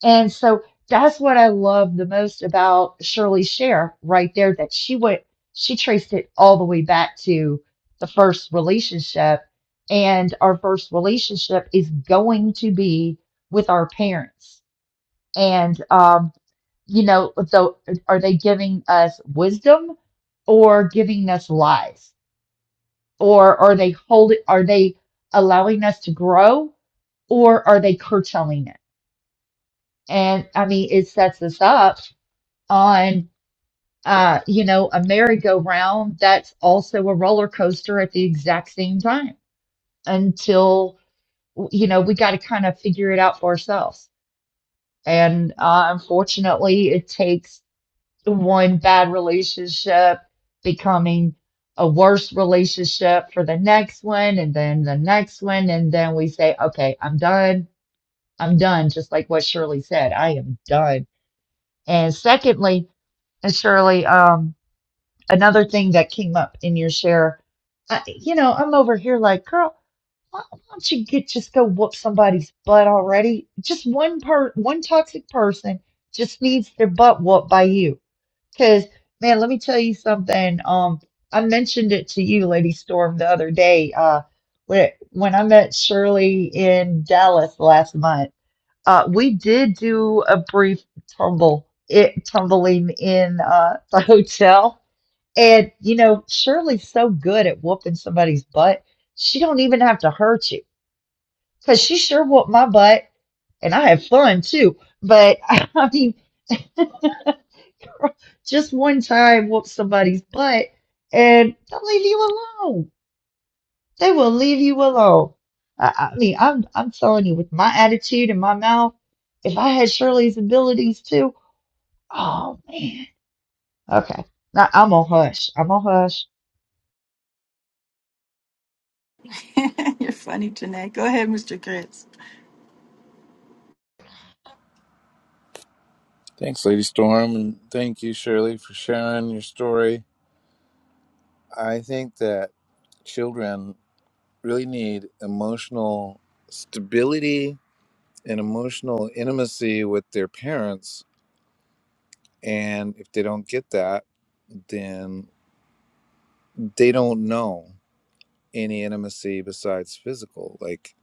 Speaker 3: and so that's what I love the most about Shirley Share right there, that she went, she traced it all the way back to the first relationship. And our first relationship is going to be with our parents. And, um, you know, so are they giving us wisdom or giving us lies? Or are they holding, are they allowing us to grow or are they curtailing it? And I mean, it sets us up on uh, you know, a merry-go-round that's also a roller coaster at the exact same time until you know, we got to kind of figure it out for ourselves. And uh, unfortunately, it takes one bad relationship becoming a worse relationship for the next one, and then the next one, and then we say, okay, I'm done. I'm done, just like what Shirley said. I am done. And secondly, and Shirley, um. another thing that came up in your share. I, you know, I'm over here like, girl, why, why don't you get just go whoop somebody's butt already? Just one per one toxic person just needs their butt whooped by you. Because man, let me tell you something. Um, I mentioned it to you, Lady Storm, the other day. Uh, when when I met Shirley in Dallas last month, uh, we did do a brief tumble, it tumbling in uh the hotel and you know, Shirley's so good at whooping somebody's butt. She don't even have to hurt you because she sure whooped my butt, and I had fun too. But I mean, just one time whoop somebody's butt, and they'll leave you alone. They will leave you alone. I, I mean, I'm I'm telling you, with my attitude and my mouth, if I had Shirley's abilities too, oh man. Okay, now I'm a hush. I'm a hush.
Speaker 1: You're funny, Jeanette. Go ahead, Mr. Gritz.
Speaker 2: Thanks, Lady Storm, and thank you, Shirley, for sharing your story. I think that children really need emotional stability and emotional intimacy with their parents. And if they don't get that, then they don't know any intimacy besides physical. Like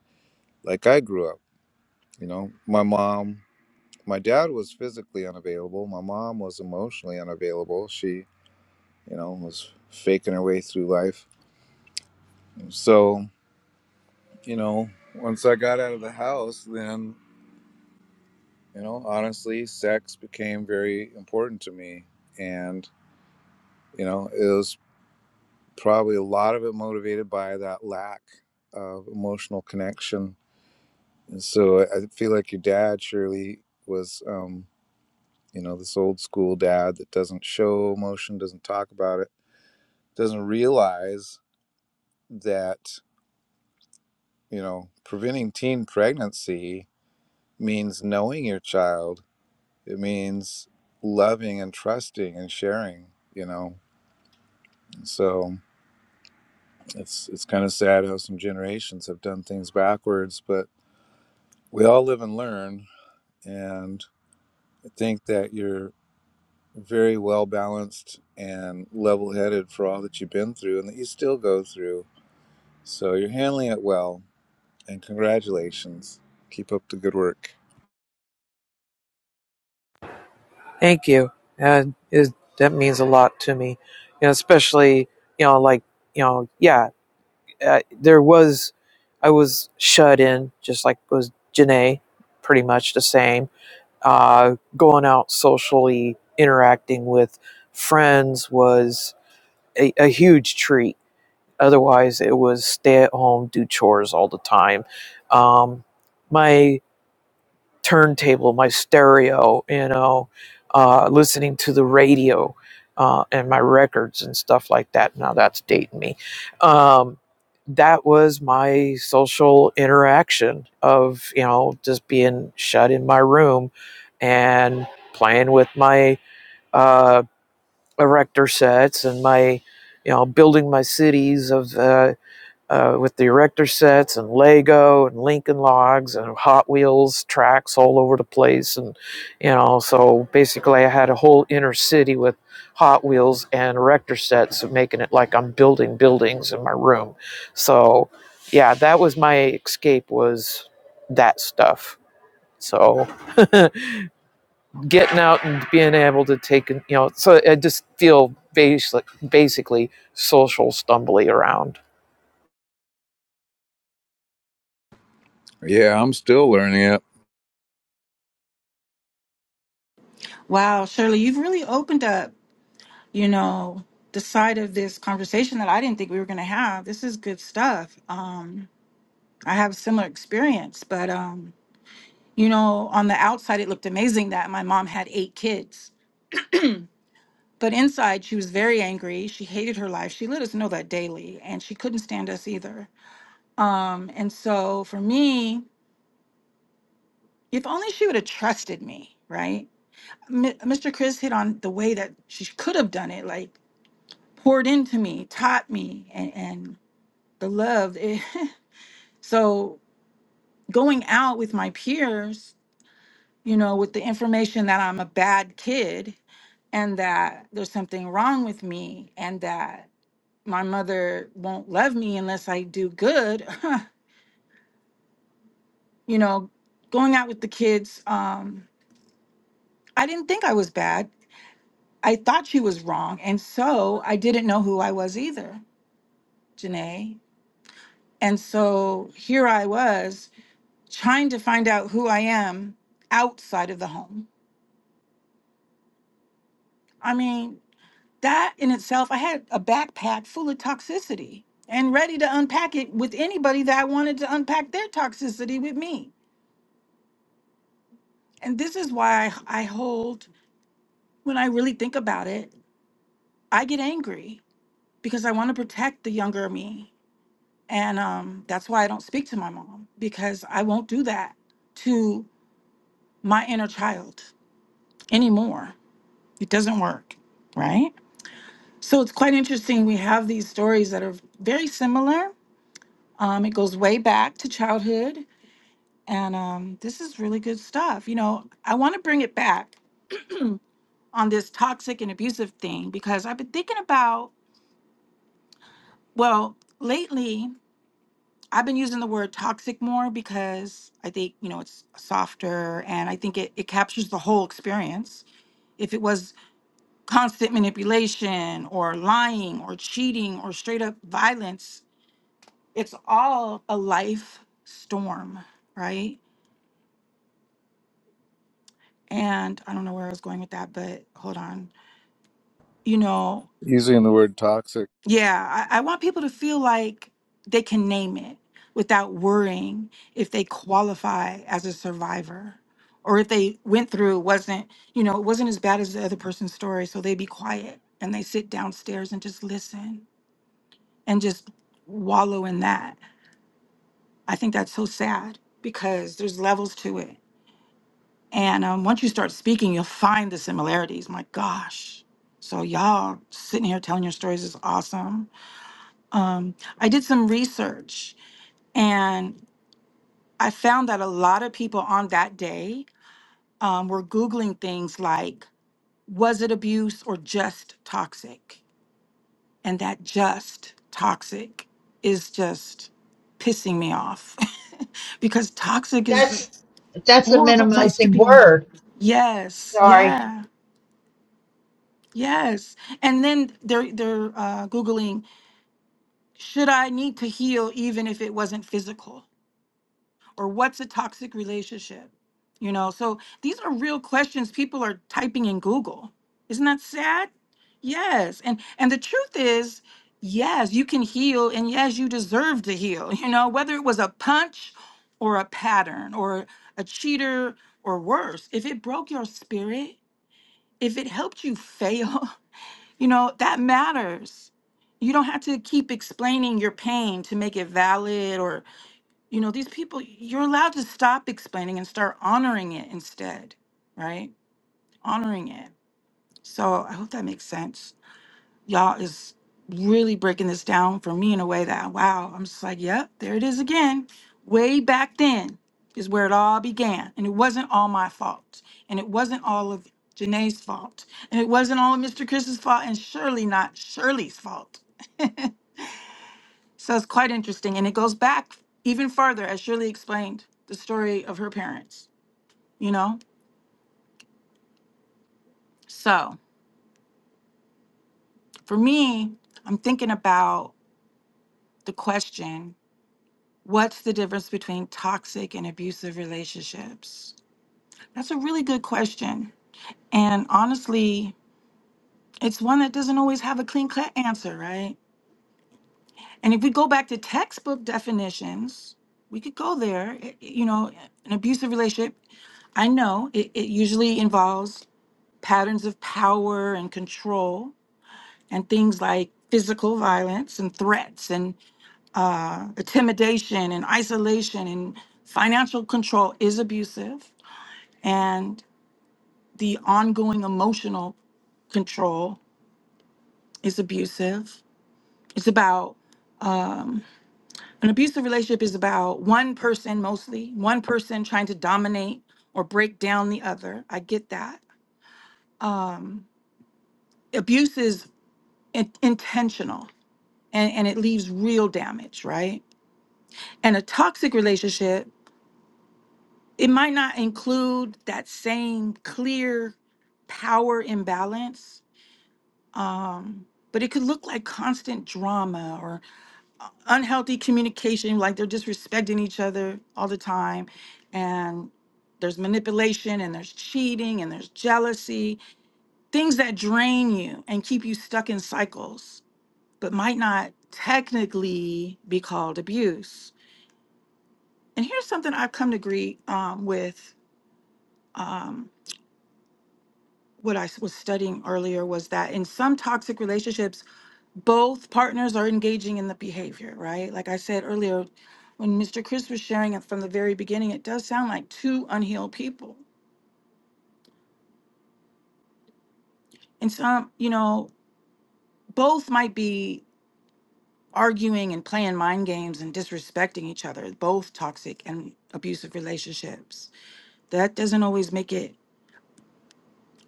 Speaker 2: like I grew up, you know, my mom, my dad was physically unavailable. My mom was emotionally unavailable. She, you know, was faking her way through life. So, you know, once I got out of the house, then you know honestly sex became very important to me and you know it was probably a lot of it motivated by that lack of emotional connection and so i I feel like your dad surely was um you know this old school dad that doesn't show emotion doesn't talk about it doesn't realize that you know preventing teen pregnancy means knowing your child it means loving and trusting and sharing you know so it's it's kind of sad how some generations have done things backwards, but we all live and learn. And I think that you're very well balanced and level headed for all that you've been through and that you still go through. So you're handling it well. And congratulations. Keep up the good work.
Speaker 4: Thank you. And it, that means a lot to me. You know, especially, you know, like, you know, yeah, uh, there was, I was shut in, just like was Janae, pretty much the same. Uh, going out socially, interacting with friends was a, a huge treat. Otherwise, it was stay at home, do chores all the time. Um, my turntable, my stereo, you know, uh, listening to the radio uh, and my records and stuff like that. Now that's dating me. Um, that was my social interaction of, you know, just being shut in my room and playing with my uh, erector sets and my, you know, building my cities of. Uh, uh, with the erector sets and Lego and Lincoln Logs and Hot Wheels tracks all over the place. And, you know, so basically I had a whole inner city with Hot Wheels and erector sets, making it like I'm building buildings in my room. So, yeah, that was my escape was that stuff. So, getting out and being able to take, you know, so I just feel basic, basically social stumbly around.
Speaker 2: Yeah, I'm still learning it.
Speaker 1: Wow, Shirley, you've really opened up, you know, the side of this conversation that I didn't think we were going to have. This is good stuff. Um, I have a similar experience, but, um, you know, on the outside, it looked amazing that my mom had eight kids. But inside, she was very angry. She hated her life. She let us know that daily, and she couldn't stand us either. Um, and so for me, if only she would have trusted me, right? Mi- Mr. Chris hit on the way that she could have done it, like poured into me, taught me, and, and the love. It, so going out with my peers, you know, with the information that I'm a bad kid and that there's something wrong with me and that my mother won't love me unless I do good, you know, going out with the kids, um, I didn't think I was bad. I thought she was wrong. And so I didn't know who I was either. Janae. And so here I was trying to find out who I am outside of the home. I mean, that in itself, I had a backpack full of toxicity and ready to unpack it with anybody that wanted to unpack their toxicity with me. And this is why I, I hold, when I really think about it, I get angry because I want to protect the younger me. And um, that's why I don't speak to my mom because I won't do that to my inner child. anymore. It doesn't work, right? So it's quite interesting. We have these stories that are very similar. Um, it goes way back to childhood. And um, this is really good stuff. You know, I want to bring it back on this toxic and abusive thing because I've been thinking about, well, lately, I've been using the word toxic more because I think, you know, it's softer and I think it, it captures the whole experience. If it was constant manipulation or lying or cheating or straight up violence. It's all a life storm, right? And I don't know where I was going with that, but hold on. You know,
Speaker 2: Using the word toxic.
Speaker 1: yeah, I, I want people to feel like they can name it without worrying if they qualify as a survivor or if they went through wasn't you know it wasn't as bad as the other person's story so they be quiet and they sit downstairs and just listen and just wallow in that I think that's so sad because there's levels to it. And um, once you start speaking, you'll find the similarities. My gosh. So, y'all sitting here telling your stories is awesome. Um, I did some research and I found that a lot of people on that day um, were Googling things like, was it abuse or just toxic? And that just toxic is just pissing me off because toxic is
Speaker 3: That's that's a
Speaker 1: horrible place to
Speaker 3: minimizing
Speaker 1: be.
Speaker 3: word.
Speaker 1: Yes,
Speaker 3: Sorry.
Speaker 1: yeah, yes. And then they're they're uh, googling: Should I need to heal even if it wasn't physical? Or what's a toxic relationship? You know. So these are real questions people are typing in Google. Isn't that sad? Yes. And and the truth is. Yes, you can heal, and yes, you deserve to heal. You know, whether it was a punch or a pattern or a cheater or worse, if it broke your spirit, if it helped you fail, you know, that matters. You don't have to keep explaining your pain to make it valid or, you know, these people, you're allowed to stop explaining and start honoring it instead, right? Honoring it. So I hope that makes sense. Y'all is really breaking this down for me in a way that, wow, I'm just like, yep, there it is again. Way back then is where it all began. And it wasn't all my fault. And it wasn't all of Janae's fault. And it wasn't all of Mr. Chris's fault. And surely not Shirley's fault. So it's quite interesting. And it goes back even further, as Shirley explained the story of her parents, you know? So for me, I'm thinking about the question What's the difference between toxic and abusive relationships? That's a really good question. And honestly, it's one that doesn't always have a clean cut answer, right? And if we go back to textbook definitions, we could go there. It- You know, an abusive relationship, I know it, it usually involves patterns of power and control and things like physical violence and threats and uh, intimidation and isolation and financial control is abusive and the ongoing emotional control is abusive. It's about um, an abusive relationship is about one person mostly, one person trying to dominate or break down the other. I get that. Um, abuse is in- intentional and, and it leaves real damage, right? And a toxic relationship, it might not include that same clear power imbalance um, but it could look like constant drama or uh, unhealthy communication, like they're disrespecting each other all the time, and there's manipulation, and there's cheating, and there's jealousy, things that drain you and keep you stuck in cycles, but might not technically be called abuse. And here's something I've come to agree um, with. Um, what I s- was studying earlier was that in some toxic relationships, both partners are engaging in the behavior, right? Like I said earlier, when Mr. Chris was sharing it from the very beginning, it does sound like two unhealed people. And some, you know, both might be arguing and playing mind games and disrespecting each other, both toxic and abusive relationships. That doesn't always make it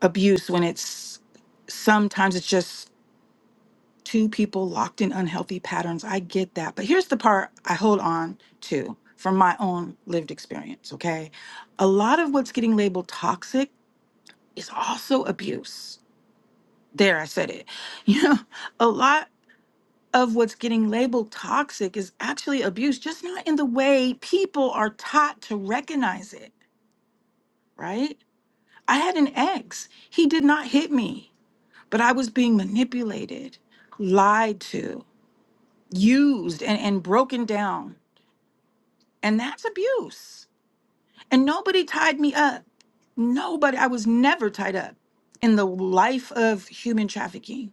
Speaker 1: abuse when it's sometimes it's just two people locked in unhealthy patterns. I get that. But here's the part I hold on to from my own lived experience, okay? A lot of what's getting labeled toxic is also abuse. There, I said it. You know, a lot of what's getting labeled toxic is actually abuse, just not in the way people are taught to recognize it, right? I had an ex. He did not hit me, but I was being manipulated, lied to. used and, and broken down. And that's abuse. And nobody tied me up. Nobody, I was never tied up in the life of human trafficking.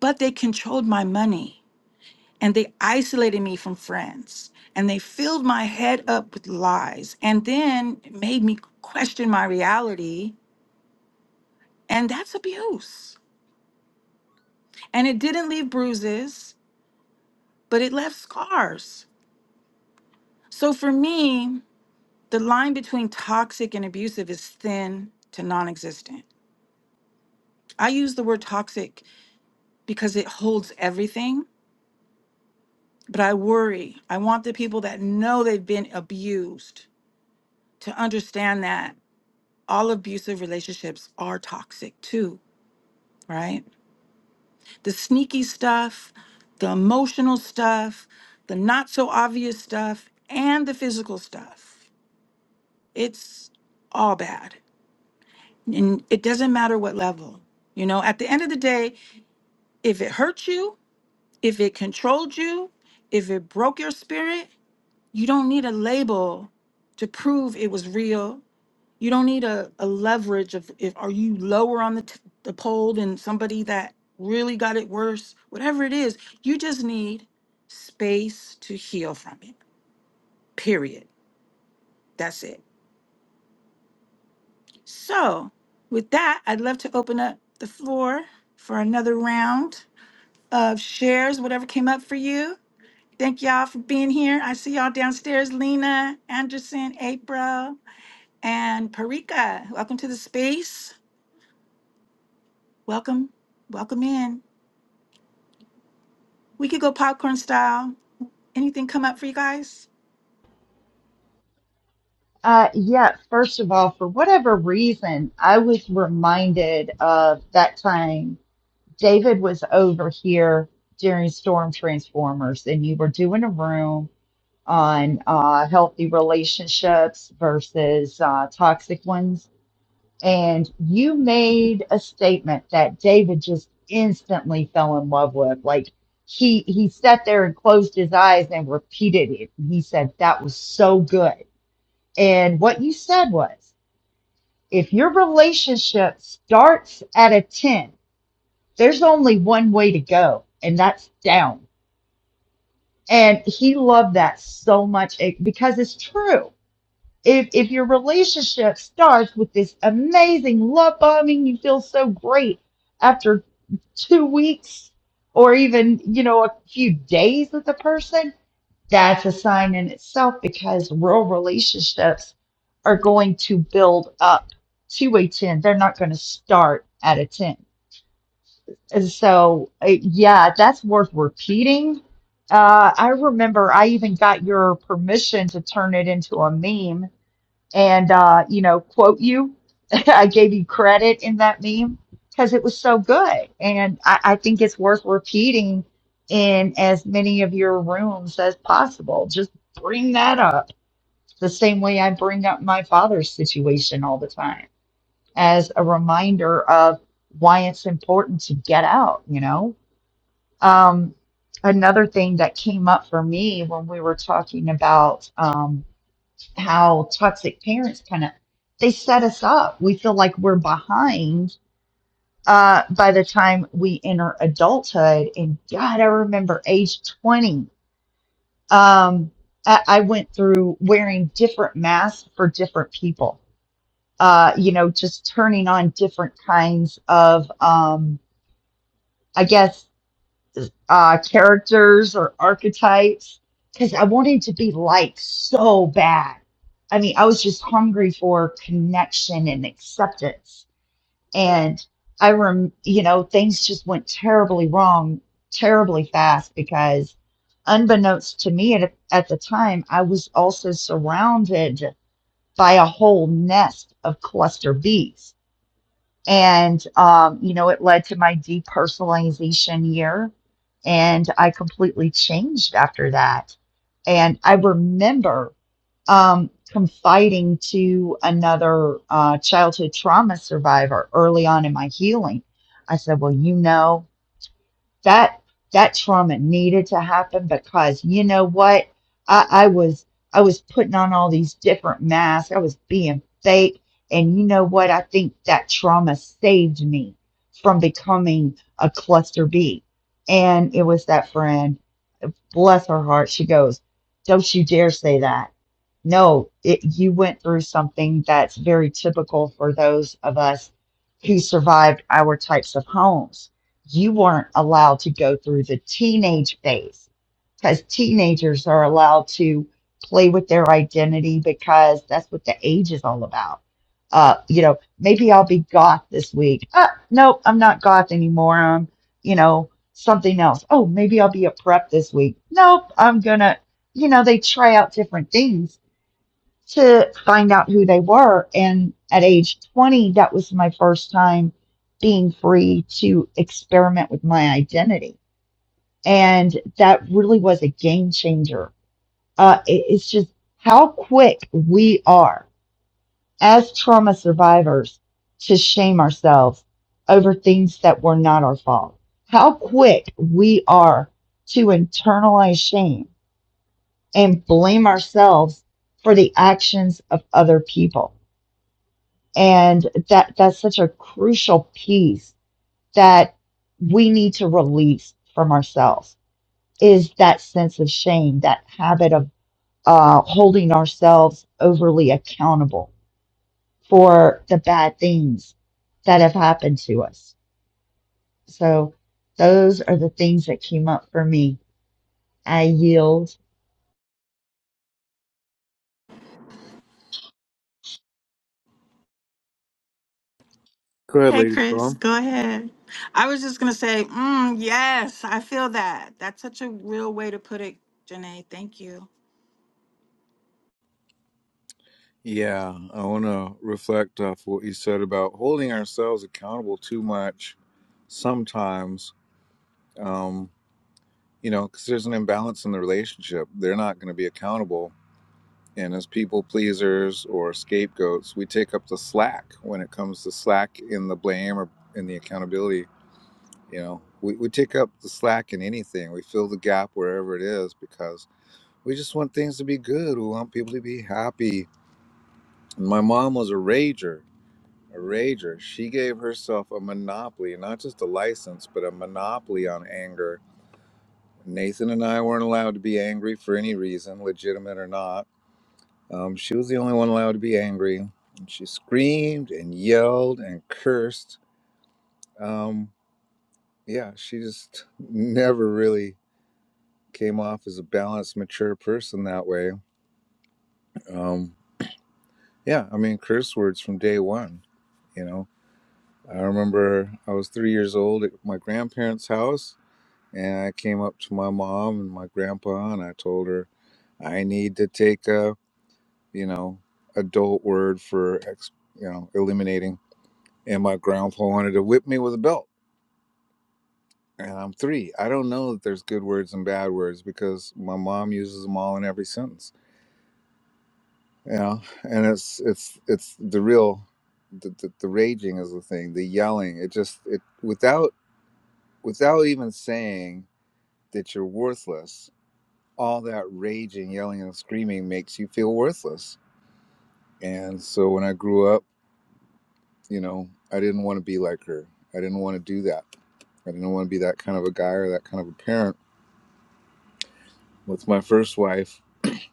Speaker 1: But they controlled my money and they isolated me from friends and they filled my head up with lies and then made me question my reality. And that's abuse. And it didn't leave bruises, but it left scars. So for me, The line between toxic and abusive is thin to non existent. I use the word toxic because it holds everything, but I worry. I want the people that know they've been abused to understand that all abusive relationships are toxic too, right? The sneaky stuff, the emotional stuff, the not so obvious stuff, and the physical stuff. It's all bad. And it doesn't matter what level. You know, at the end of the day, If it hurt you, if it controlled you, if it broke your spirit, you don't need a label to prove it was real. You don't need a, a leverage of if are you lower on the, t- the pole than somebody that really got it worse, whatever it is. You just need space to heal from it. Period. That's it. So, with that, I'd love to open up the floor for another round of shares, whatever came up for you. Thank y'all for being here. I see y'all downstairs, Lena, Anderson, April, and Parika. Welcome to the space. Welcome, welcome in. We could go popcorn style. Anything come up for you guys?
Speaker 3: Uh, yeah. First of all, for whatever reason, I was reminded of that time David was over here during Storm Transformers, and you were doing a room on uh, healthy relationships versus uh, toxic ones. and you made a statement that David just instantly fell in love with. Like he he sat there and closed his eyes and repeated it. And he said that was so good. And what you said was, if your relationship starts at a 10, there's only one way to go, and that's down. And he loved that so much it- because it's true if if your relationship starts with this amazing love bombing, you feel so great after two weeks or even you know a few days with the person, that's a sign in itself because real relationships are going to build up to a ten. They're not going to start at a ten. And so uh, yeah, that's worth repeating. Uh, I remember I even got your permission to turn it into a meme and uh, you know, quote you. I gave you credit in that meme because it was so good, and I, I think it's worth repeating in as many of your rooms as possible. Just bring that up the same way I bring up my father's situation all the time as a reminder of why it's important to get out. You know, um, another thing that came up for me when we were talking about. Um, how toxic parents kind of they set us up. We feel like we're behind uh, by the time we enter adulthood. And God, I remember age 20. Um, I, I went through wearing different masks for different people. Uh, you know, just turning on different kinds of, um, I guess, uh, characters or archetypes because I wanted to be liked so bad. I mean, I was just hungry for connection and acceptance. And I rem, you know, things just went terribly wrong, terribly fast because unbeknownst to me at, at the time, I was also surrounded by a whole nest of cluster bees and, um, you know, it led to my depersonalization year. And I completely changed after that. And I remember um, confiding to another uh, childhood trauma survivor early on in my healing. I said, Well, you know, that that trauma needed to happen because you know what I, I was I was putting on all these different masks I was being fake and you know what I think that trauma saved me from becoming a cluster B and it was that friend Bless her heart. She goes, Don't you dare say that. No, it, you went through something that's very typical for those of us who survived our types of homes. You weren't allowed to go through the teenage phase because teenagers are allowed to play with their identity because that's what the age is all about. Uh, you know, maybe I'll be goth this week. Uh, nope, I'm not goth anymore. i am you know, something else. Oh, maybe I'll be a prep this week. Nope, I'm gonna, you know, they try out different things to find out who they were. And at age 20, that was my first time being free to experiment with my identity. And that really was a game changer. Uh, it- it's just how quick we are as trauma survivors to shame ourselves over things that were not our fault. How quick we are to internalize shame and blame ourselves for the actions of other people. And that, that's such a crucial piece that we need to release from ourselves is that sense of shame, that habit of uh, holding ourselves overly accountable for the bad things that have happened to us. So those are the things that came up for me. I yield.
Speaker 2: Go ahead,
Speaker 1: Hey,
Speaker 2: Lady
Speaker 1: Chris,
Speaker 2: Storm.
Speaker 1: go ahead. I was just gonna say, mm, yes, I feel that. That's such a real way to put it, Janae. Thank you.
Speaker 2: Yeah, I want to reflect off what you said about holding ourselves accountable too much sometimes. Um, you know, because there's an imbalance in the relationship. They're not going to be accountable. And as people pleasers or scapegoats, we take up the slack when it comes to slack in the blame or in the accountability. You know, we, we take up the slack in anything. We fill the gap wherever it is because we just want things to be good. We want people to be happy. And my mom was a rager, a rager. She gave herself a monopoly, not just a license, but a monopoly on anger Nathan and I weren't allowed to be angry for any reason, legitimate or not. Um, she was the only one allowed to be angry. And she screamed and yelled and cursed. Um, yeah, she just never really came off as a balanced, mature person that way. Um, yeah, I mean, curse words from day one, you know. I remember I was three years old at my grandparents' house, and I came up to my mom and my grandpa, and I told her, I need to take a you know, adult word for ex, you know, eliminating. And my grandpa wanted to whip me with a belt. And I'm three. I don't know that there's good words and bad words because my mom uses them all in every sentence. You know, and it's it's it's the real, the, the, the raging is the thing. The yelling. It just it without without even saying that you're worthless. All that raging, yelling, and screaming makes you feel worthless. And so when I grew up. you know, I didn't want to be like her. I didn't want to do that. I didn't want to be that kind of a guy or that kind of a parent. With my first wife,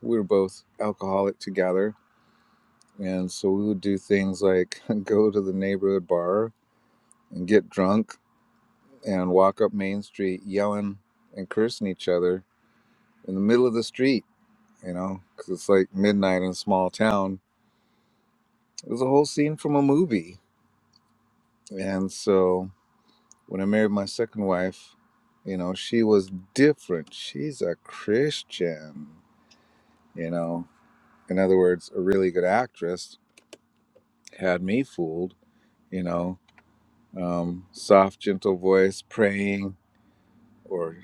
Speaker 2: we were both alcoholic together. And so we would do things like go to the neighborhood bar and get drunk and walk up Main Street yelling and cursing each other in the middle of the street, you know, because it's like midnight in a small town. It was a whole scene from a movie. And so When I married my second wife, you know, she was different. She's a Christian, you know. In other words, a really good actress had me fooled, you know. Um, soft, gentle voice, praying, or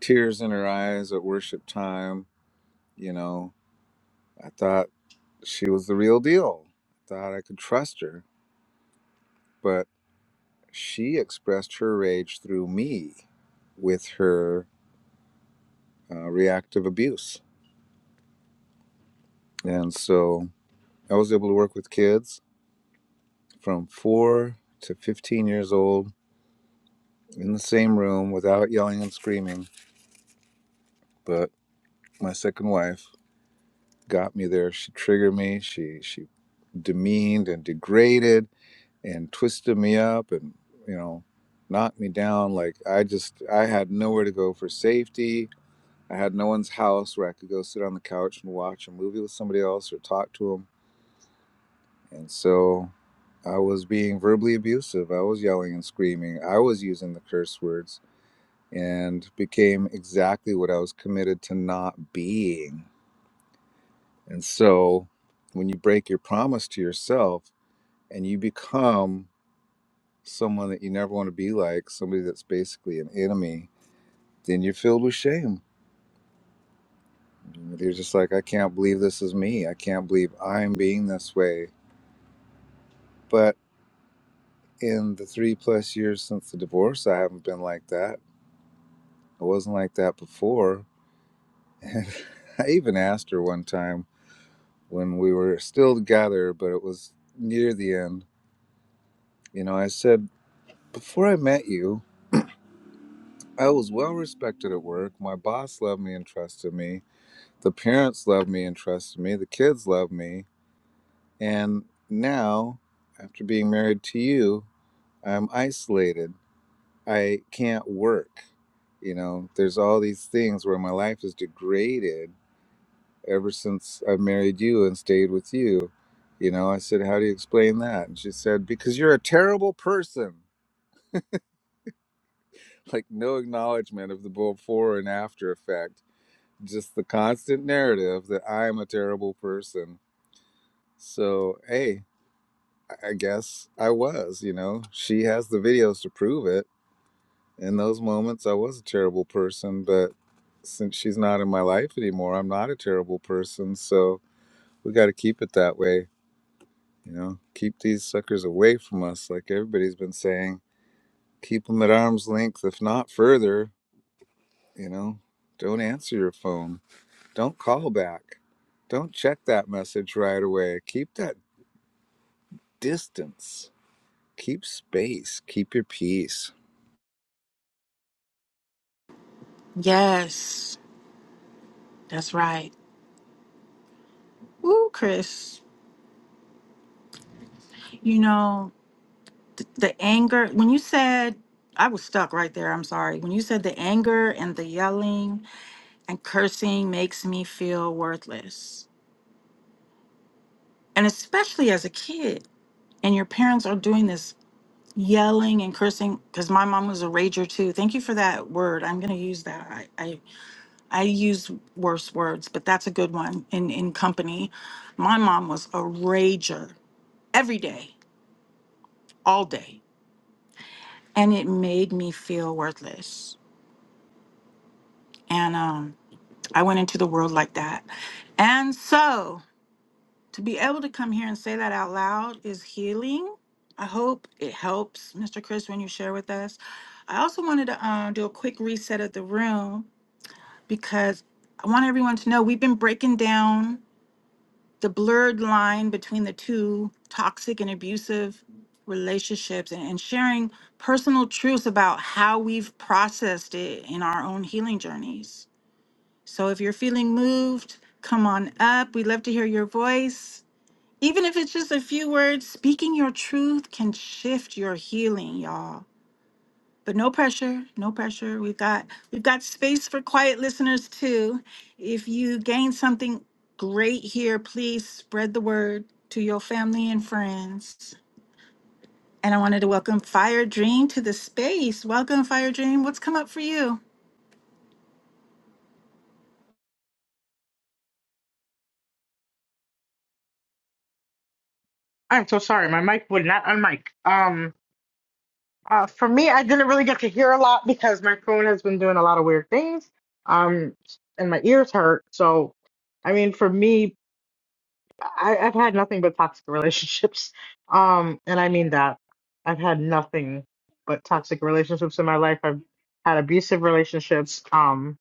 Speaker 2: tears in her eyes at worship time, you know. I thought she was the real deal. I thought I could trust her, but she expressed her rage through me with her uh, reactive abuse. And so I was able to work with kids from four to 15 years old in the same room without yelling and screaming. But my second wife got me there. She triggered me. She, she demeaned and degraded and twisted me up and, you know, knocked me down. Like I just, I had nowhere to go for safety. I had no one's house where I could go sit on the couch and watch a movie with somebody else or talk to them And so I was being verbally abusive. I was yelling and screaming. I was using the curse words and became exactly what I was committed to not being. And so when you break your promise to yourself and you become someone that you never want to be like, somebody that's basically an enemy, then you're filled with shame. You're just like, I can't believe this is me. I can't believe I'm being this way. But in the three plus years since the divorce, I haven't been like that I wasn't like that before. And I even asked her one time when we were still together, but it was near the end. You know, I said, Before I met you, I was well respected at work. My boss loved me and trusted me. The parents loved me and trusted me. The kids loved me. And now, after being married to you, I'm isolated. I can't work. You know, there's all these things where my life is degraded ever since I married you and stayed with you. You know, I said, How do you explain that? And she said, Because you're a terrible person. Like, no acknowledgement of the before and after effect, just the constant narrative that I'm a terrible person. So, hey, I I guess I was, you know, she has the videos to prove it. In those moments, I was a terrible person, but since she's not in my life anymore, I'm not a terrible person. So, we got to keep it that way You know, keep these suckers away from us, like everybody's been saying. Keep them at arm's length, if not further. You know, don't answer your phone. Don't call back. Don't check that message right away. Keep that distance. Keep space. Keep your peace.
Speaker 1: Yes, that's right. Woo, Chris. You know. the anger when you said i was stuck right there i'm sorry when you said the anger and the yelling and cursing makes me feel worthless and especially as a kid and your parents are doing this yelling and cursing because my mom was a rager too thank you for that word i'm going to use that I, I i use worse words but that's a good one in in company my mom was a rager every day all day and it made me feel worthless and um I went into the world like that. And so to be able to come here and say that out loud is healing. I hope it helps, Mr. Chris, when you share with us. I also wanted to um, do a quick reset of the room because I want everyone to know we've been breaking down the blurred line between the two toxic and abusive relationships and, and sharing personal truths about how we've processed it in our own healing journeys. So if you're feeling moved, come on up. We'd love to hear your voice. Even if it's just a few words, speaking your truth can shift your healing, y'all. But no pressure, no pressure. We've got we've got space for quiet listeners too. If you gain something great here, please spread the word to your family and friends. And I wanted to welcome Fire Dream to the space. Welcome Fire Dream. What's come up for you?
Speaker 5: I'm so sorry. My mic would not unmic. Um, uh, for me, I didn't really get to hear a lot because my phone has been doing a lot of weird things. Um, and my ears hurt. So, I mean, for me, I, I've had nothing but toxic relationships. Um, and I mean that. I've had nothing but toxic relationships in my life. I've had abusive relationships. Um,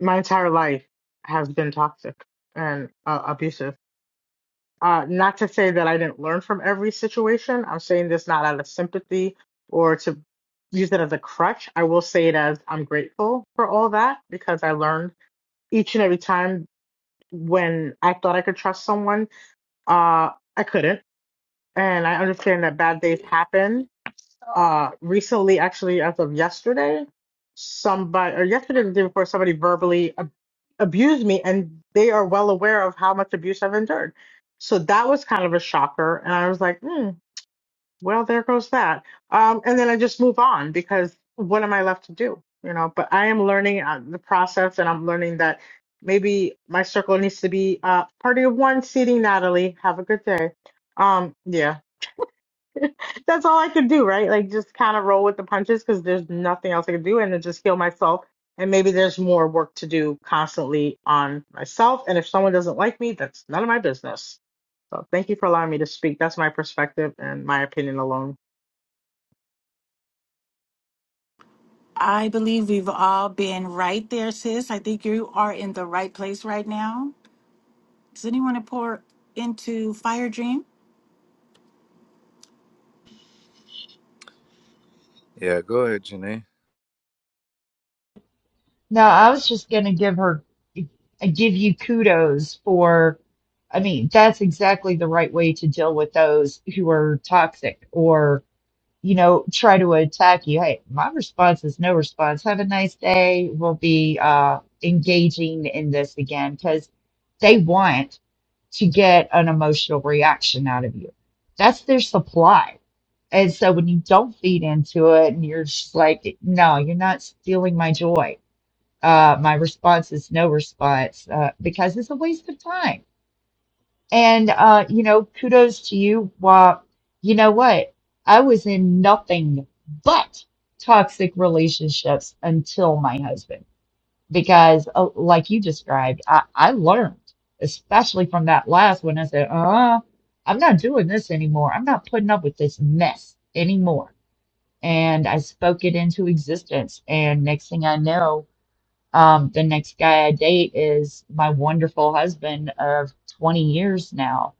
Speaker 5: my entire life has been toxic and uh, abusive. Uh, not to say that I didn't learn from every situation. I'm saying this not out of sympathy or to use it as a crutch. I will say it as I'm grateful for all that because I learned each and every time when I thought I could trust someone, uh, I couldn't. And I understand that bad days happen uh recently actually as of yesterday somebody or yesterday or the day before somebody verbally ab- abused me and they are well aware of how much abuse I've endured so that was kind of a shocker and I was like hmm well there goes that um and then I just move on because what am I left to do you know but I am learning uh, the process and I'm learning that maybe my circle needs to be uh party of one seating Natalie have a good day um yeah that's all I could do, right? Like just kind of roll with the punches because there's nothing else I could do and then just heal myself. And maybe there's more work to do constantly on myself. And if someone doesn't like me, that's none of my business. So thank you for allowing me to speak. That's my perspective and my opinion alone.
Speaker 1: I believe we've all been right there, sis. I think you are in the right place right now. Does anyone want to pour into Fire Dream?
Speaker 2: Yeah, go ahead, Janae.
Speaker 3: No, I was just going to give her, give you kudos for, I mean, that's exactly the right way to deal with those who are toxic or, you know, try to attack you. Hey, my response is no response. Have a nice day. We'll be uh, engaging in this again because they want. to get an emotional reaction out of you. That's their supply. And so when you don't feed into it and you're just like, no, you're not stealing my joy. Uh, my response is no response uh, because it's a waste of time. And, uh, you know, kudos to you. Well, you know what? I was in nothing but toxic relationships until my husband because uh, like you described, I, I learned, especially from that last one. I said, uh, I'm not doing this anymore. I'm not putting up with this mess anymore. And I spoke it into existence. And next thing I know, um, the next guy I date is my wonderful husband of 20 years now.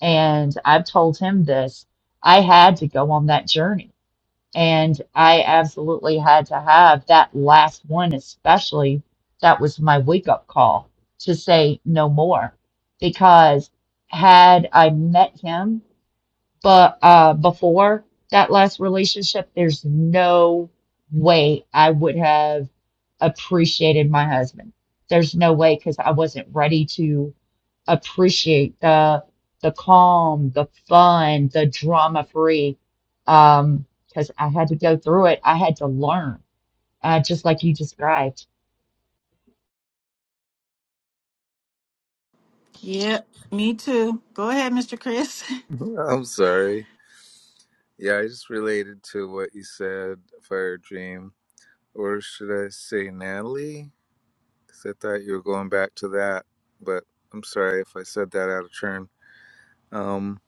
Speaker 3: And I've told him this. I had to go on that journey and I absolutely had to have that last one, especially that was my wake up call to say no more. Because had I met him but uh, before that last relationship, there's no way I would have appreciated my husband. There's no way because I wasn't ready to appreciate the the calm, the fun, the drama free. Um, because I had to go through it. I had to learn, uh, just like you described.
Speaker 1: Yep, me too. Go ahead, Mr. Chris.
Speaker 2: I'm sorry. Yeah, I just related to what you said, Fire Dream. Or should I say Natalie? Because I thought you were going back to that. But I'm sorry if I said that out of turn. Um,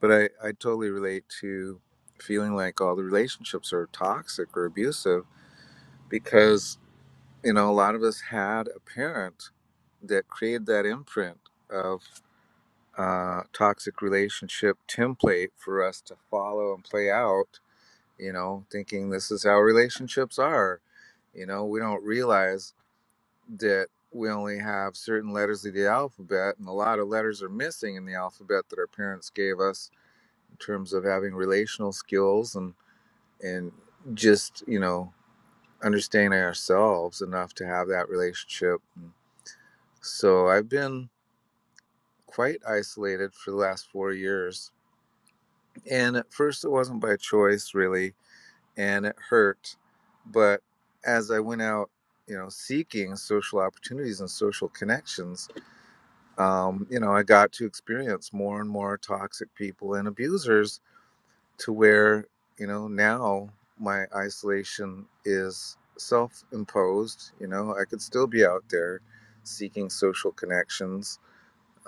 Speaker 2: but I, I totally relate to feeling like all the relationships are toxic or abusive because, you know, a lot of us had a parent that created that imprint of uh, toxic relationship template for us to follow and play out, you know, thinking this is how relationships are. You know, we don't realize that we only have certain letters of the alphabet and a lot of letters are missing in the alphabet that our parents gave us in terms of having relational skills and and just you know understanding ourselves enough to have that relationship so i've been quite isolated for the last four years and at first it wasn't by choice really and it hurt but as i went out you know seeking social opportunities and social connections um, you know i got to experience more and more toxic people and abusers to where you know now my isolation is self-imposed you know i could still be out there seeking social connections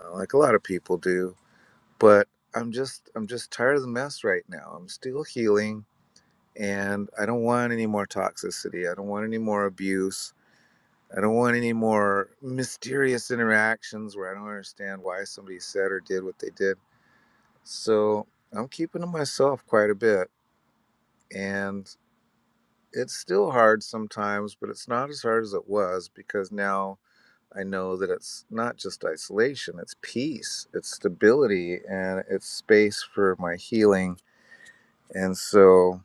Speaker 2: uh, like a lot of people do but i'm just i'm just tired of the mess right now i'm still healing and i don't want any more toxicity i don't want any more abuse i don't want any more mysterious interactions where i don't understand why somebody said or did what they did so i'm keeping to myself quite a bit and it's still hard sometimes, but it's not as hard as it was because now I know that it's not just isolation, it's peace, it's stability, and it's space for my healing. And so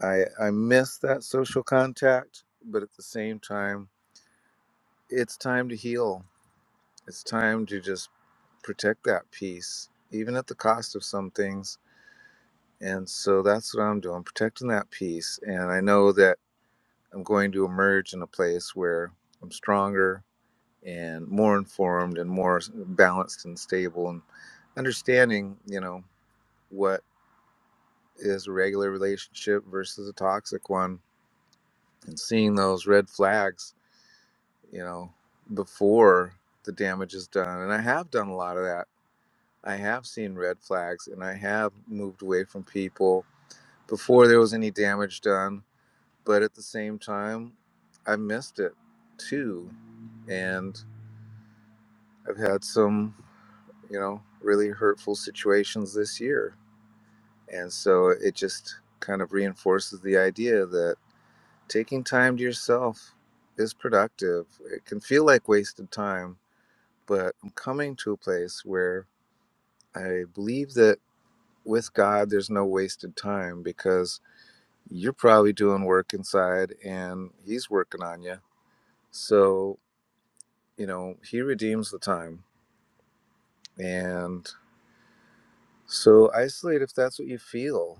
Speaker 2: I, I miss that social contact, but at the same time, it's time to heal. It's time to just protect that peace, even at the cost of some things. And so that's what I'm doing, protecting that peace. And I know that I'm going to emerge in a place where I'm stronger and more informed and more balanced and stable and understanding, you know, what is a regular relationship versus a toxic one and seeing those red flags, you know, before the damage is done. And I have done a lot of that. I have seen red flags and I have moved away from people before there was any damage done. But at the same time, I missed it too. And I've had some, you know, really hurtful situations this year. And so it just kind of reinforces the idea that taking time to yourself is productive. It can feel like wasted time, but I'm coming to a place where I believe that with God, there's no wasted time because you're probably doing work inside and He's working on you. So, you know, He redeems the time. And so isolate if that's what you feel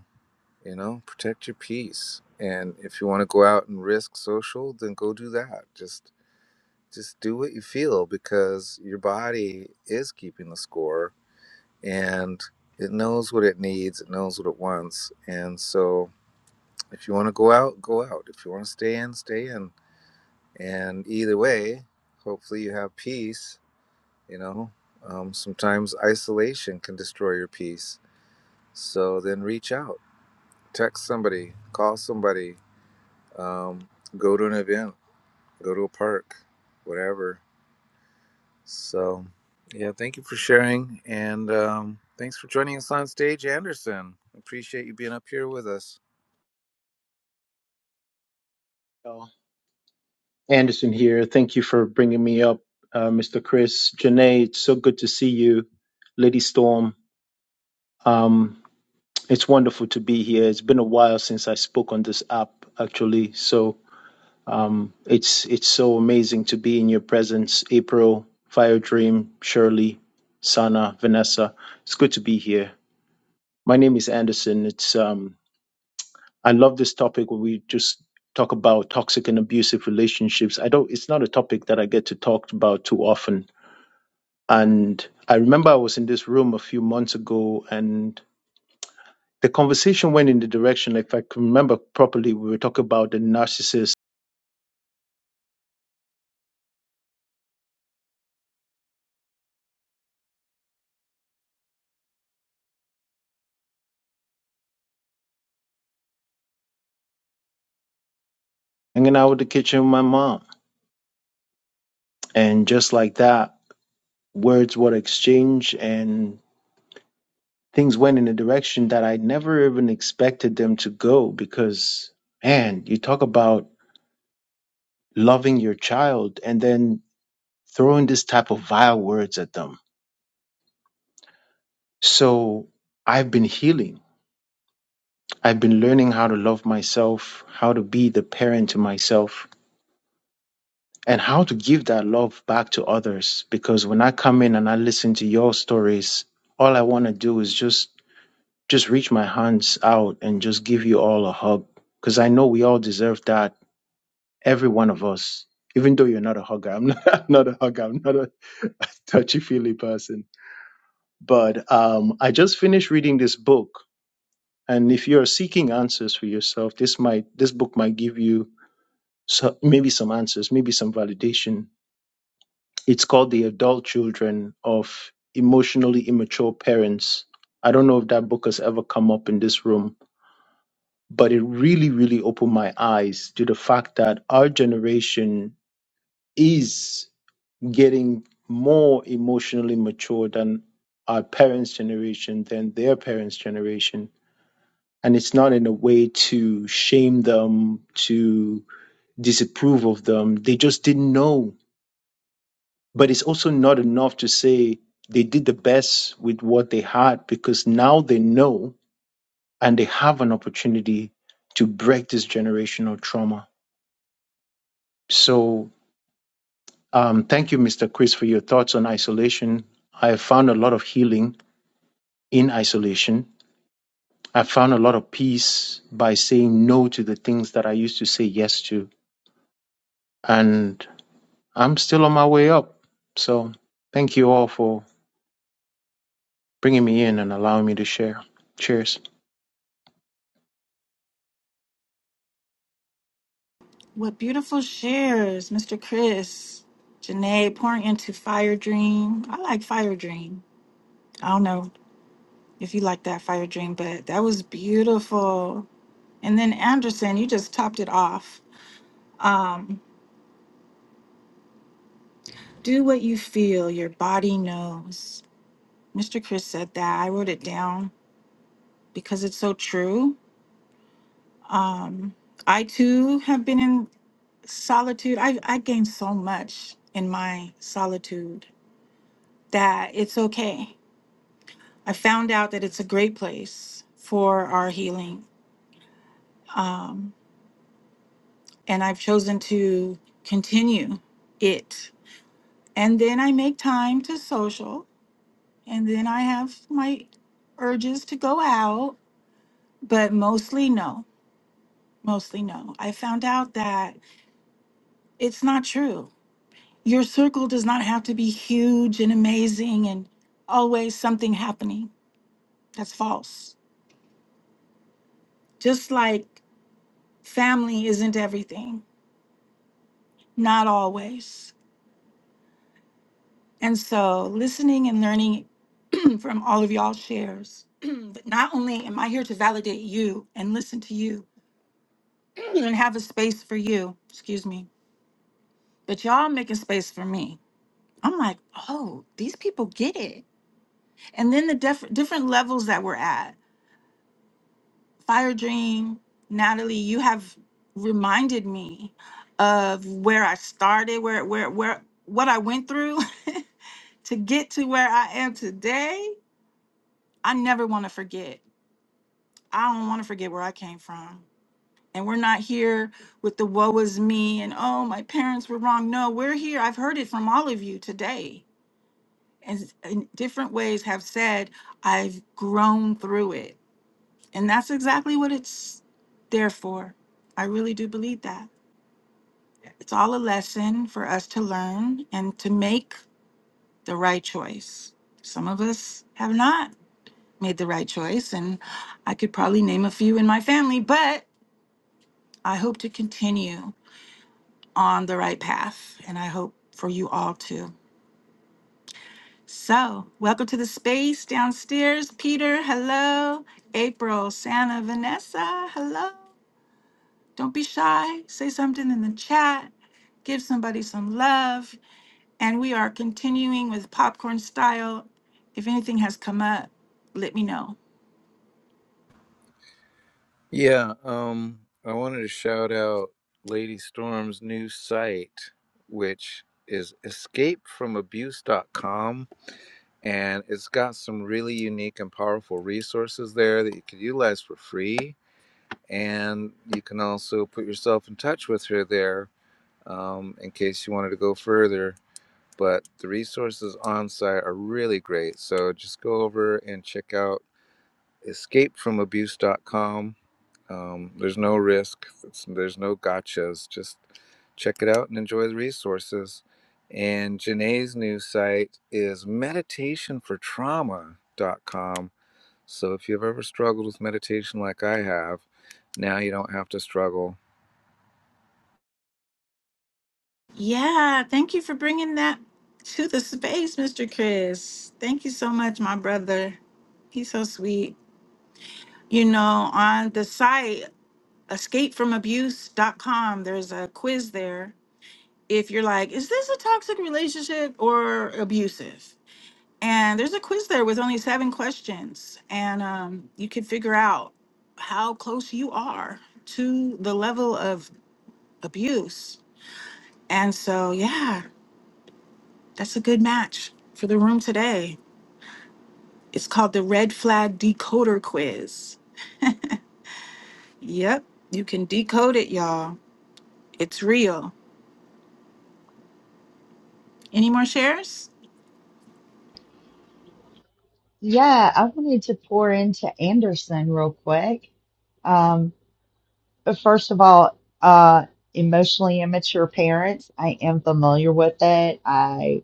Speaker 2: You know, protect your peace. And if you want to go out and risk social, then go do that. Just just do what you feel because your body is keeping the score and it knows what it needs, it knows what it wants. And so if you want to go out, go out. If you want to stay in, stay in. And either way, hopefully you have peace, you know. Um, sometimes isolation can destroy your peace. So then reach out, text somebody, call somebody, um, go to an event, go to a park, whatever. So, yeah, thank you for sharing. And um, thanks for joining us on stage, Anderson. Appreciate you being up here with us.
Speaker 6: Oh, Anderson here. Thank you for bringing me up, uh, Mr. Chris. Janae, it's so good to see you. Lady Storm, um, it's wonderful to be here. It's been a while since I spoke on this app, actually. So um, it's it's so amazing to be in your presence. April, Fire Dream, Shirley, Sana, Vanessa. It's good to be here. My name is Anderson. It's um, I love this topic where we just talk about toxic and abusive relationships. I don't it's not a topic that I get to talk about too often. And I remember I was in this room a few months ago and the conversation went in the direction, if I can remember properly, we were talking about the narcissist hanging out with the kitchen with my mom. And just like that, words were exchanged and things went in a direction that I never even expected them to go because man, you talk about loving your child and then throwing this type of vile words at them. So I've been healing. I've been learning how to love myself, how to be the parent to myself, and how to give that love back to others. Because when I come in and I listen to your stories, all I want to do is just just reach my hands out and just give you all a hug. Because I know we all deserve that, every one of us. Even though you're not a hugger, I'm not, I'm not a hugger. I'm not a touchy feely person. But um, I just finished reading this book And if you're seeking answers for yourself, this might this book might give you so, maybe some answers, maybe some validation. It's called The Adult Children of Emotionally Immature Parents. I don't know if that book has ever come up in this room, but it really, really opened my eyes to the fact that our generation is getting more emotionally mature than our parents' generation, than their parents' generation and it's not in a way to shame them, to disapprove of them. They just didn't know. But it's also not enough to say they did the best with what they had because now they know and they have an opportunity to break this generational trauma. So, um, thank you, Mr. Chris, for your thoughts on isolation. I found a lot of healing in isolation. I found a lot of peace by saying no to the things that I used to say yes to. And I'm still on my way up. So thank you all for bringing me in and allowing me to share. Cheers.
Speaker 1: What beautiful shares, Mr. Chris. Janae pouring into Fire Dream. I like Fire Dream. I don't know if you like that Fire Dream, but that was beautiful. And then Anderson, you just topped it off. Um, do what you feel, your body knows. Mr. Chris said that. I wrote it down because it's so true. Um, I too have been in solitude. I, I gained so much in my solitude that it's okay. I found out that it's a great place for our healing. Um, and I've chosen to continue it. And then I make time to social, and then I have my urges to go out, but mostly no, mostly no. I found out that It's not true. Your circle does not have to be huge and amazing and always something happening. That's false. Just like family isn't everything, not always. And so, listening and learning from all of y'all shares, but not only am I here to validate you and listen to you and have a space for you, excuse me, but y'all making space for me. I'm like, oh, these people get it. And then the def- different levels that we're at Fire Dream, Natalie, you have reminded me of where I started, where where where what I went through to get to where I am today. I never want to forget. I don't want to forget where I came from. And we're not here with the woe is me and oh my parents were wrong. No, we're here. I've heard it from all of you today. And in different ways have said I've grown through it. And that's exactly what it's there for. I really do believe that. It's all a lesson for us to learn and to make the right choice. Some of us have not made the right choice, and I could probably name a few in my family, but I hope to continue on the right path, and I hope for you all too. So, welcome to the space downstairs. Peter, hello. April, Santa, Vanessa, hello. Don't be shy. Say something in the chat. Give somebody some love. And we are continuing with popcorn style. If anything has come up, let me know.
Speaker 2: Yeah, um, I wanted to shout out Lady Storm's new site, which is escape from abuse dot com, And it's got some really unique and powerful resources there that you can utilize for free. And you can also put yourself in touch with her there um, in case you wanted to go further. But the resources on site are really great. So just go over and check out escapefromabuse.com. Um, there's no risk, it's, there's no gotchas. Just check it out and enjoy the resources. And Janae's new site is meditationfortrauma.com. So if you've ever struggled with meditation like I have, now you don't have to struggle
Speaker 1: Yeah, thank you for bringing that to the space, Mr. Chris. Thank you so much, my brother. He's so sweet. You know, on the site, escapefromabuse.com, there's a quiz there. If you're like, is this a toxic relationship or abusive? And there's a quiz there with only seven questions, and um, you can figure out how close you are to the level of abuse. And so, yeah, that's a good match for the room today. It's called the Red Flag Decoder Quiz. Yep, you can decode it, y'all. It's real. Any more shares?
Speaker 3: Yeah, I wanted to pour into Anderson real quick. Um, First of all, uh, emotionally immature parents, I am familiar with it. I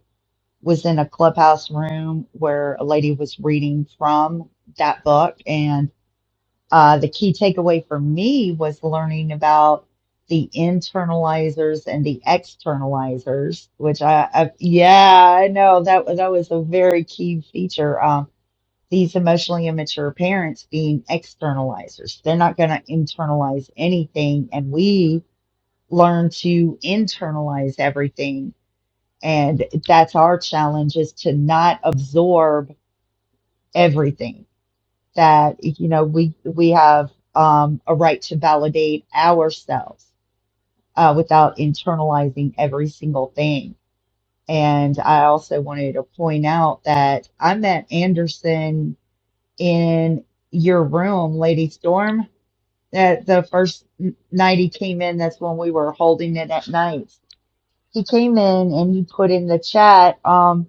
Speaker 3: was in a clubhouse room where a lady was reading from that book, and uh, the key takeaway for me was learning about the internalizers and the externalizers, which I, I yeah, I know that was that was a very key feature. Um, these emotionally immature parents being externalizers. They're not going to internalize anything. And we learn to internalize everything. And that's our challenge is to not absorb everything that, you know, we, we have um, a right to validate ourselves uh, without internalizing every single thing. And I also wanted to point out that I met Anderson in your room, Lady Storm. That the first n- night he came in, that's when we were holding it at night. He came in and he put in the chat, um,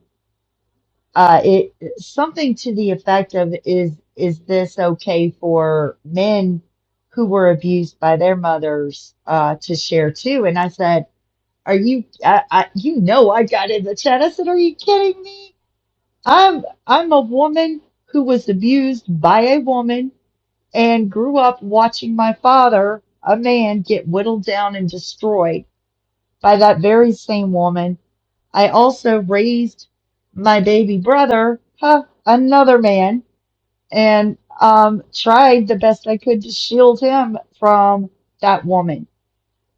Speaker 3: uh, it something to the effect of, "Is is this okay for men who were abused by their mothers uh, to share too?" And I said, "Are you? I, I, you know, I got in the chat. I said, "Are you kidding me? I'm I'm a woman who was abused by a woman and grew up watching my father, a man, get whittled down and destroyed by that very same woman. I also raised my baby brother, huh, another man, and um, tried the best I could to shield him from that woman.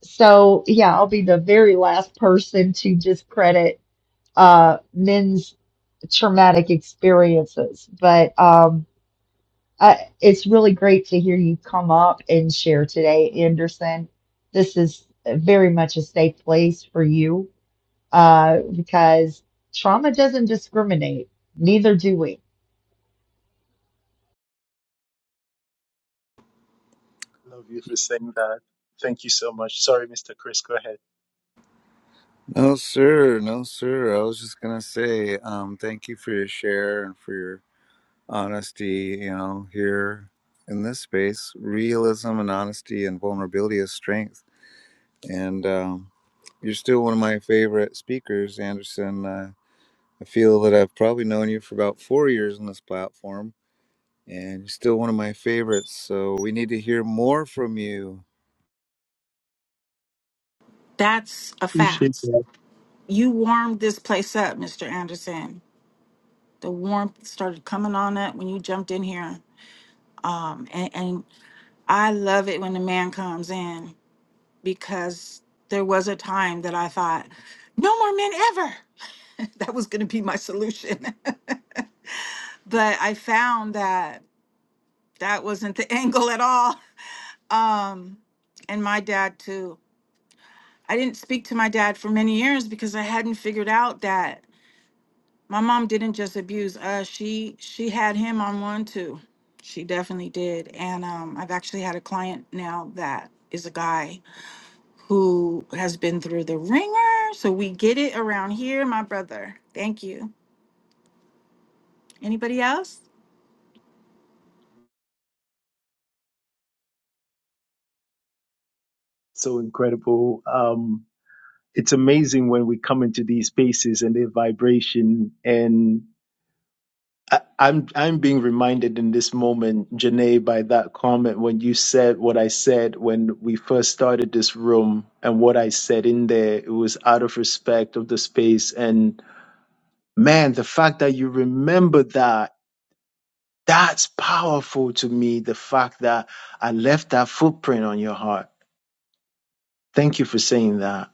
Speaker 3: So, yeah, I'll be the very last person to discredit uh, men's traumatic experiences. But um, I, it's really great to hear you come up and share today, Anderson. This is very much a safe place for you uh, because trauma doesn't discriminate, neither do we.
Speaker 6: Love you for saying that. Thank you so much. Sorry, Mr. Chris, go ahead.
Speaker 2: No, sir. No, sir. I was just gonna say, um, thank you for your share and for your honesty. You know, here in this space, realism and honesty and vulnerability is strength. And um, you're still one of my favorite speakers, Anderson. Uh, I feel that I've probably known you for about four years on this platform, and you're still one of my favorites. So we need to hear more from you.
Speaker 1: That's a
Speaker 6: Appreciate
Speaker 1: fact.
Speaker 6: that.
Speaker 1: You warmed this place up, Mr. Anderson the warmth started coming on it when you jumped in here. Um, and, and I love it when a man comes in because there was a time that I thought, no more men ever. That was going to be my solution. but I found that that wasn't the angle at all. Um, and my dad, too. I didn't speak to my dad for many years because I hadn't figured out that my mom didn't just abuse us. She she had him on one too. She definitely did. And um, I've actually had a client now that is a guy who has been through the ringer. So we get it around here, my brother. Thank you. Anybody else?
Speaker 6: So incredible. Um, it's amazing when we come into these spaces and their vibration. And I, I'm I'm being reminded in this moment, Janae, by that comment when you said what I said when we first started this room and what I said in there. It was out of respect of the space and. man, the fact that you remember that, that's powerful to me. The fact that I left that footprint on your heart. Thank you for saying that.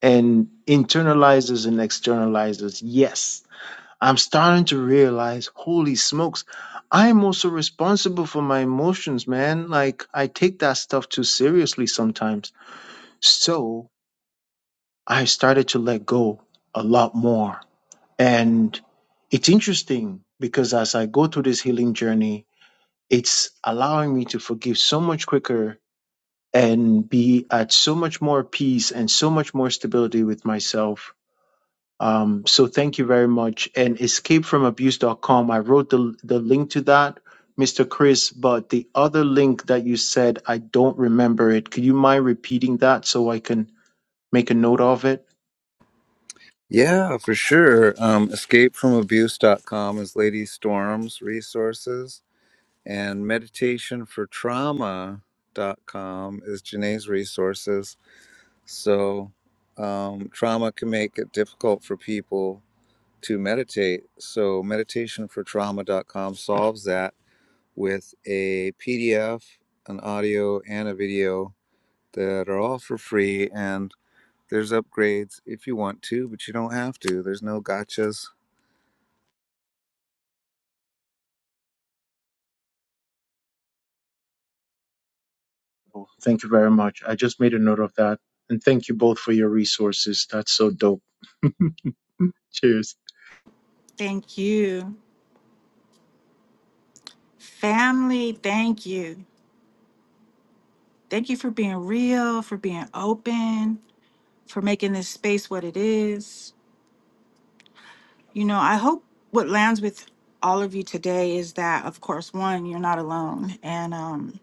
Speaker 6: And internalizers and externalizers, yes. I'm starting to realize, holy smokes, I'm also responsible for my emotions, man. Like, I take that stuff too seriously sometimes. So I started to let go a lot more. And it's interesting because as I go through this healing journey, it's allowing me to forgive so much quicker and be at so much more peace and so much more stability with myself. Um, so thank you very much. And escapefromabuse.com, I wrote the, the link to that, Mr. Chris, but the other link that you said, I don't remember it. Could you mind repeating that so I can make a note of it?
Speaker 2: Yeah, for sure. Um, escape from abuse dot com is Lady Storm's resources And meditationfortrauma.com is Janae's resources. So, um, trauma can make it difficult for people to meditate. So, meditationfortrauma.com solves that with a PDF, an audio, and a video that are all for free. And there's upgrades if you want to, but you don't have to. There's no gotchas.
Speaker 6: Oh, Thank you very much. I just made a note of that. And thank you both for your resources. That's so dope. Cheers.
Speaker 1: Thank you. Family, thank you. Thank you for being real, for being open, for making this space what it is. You know, I hope what lands with all of you today is that, of course, one, you're not alone. And um,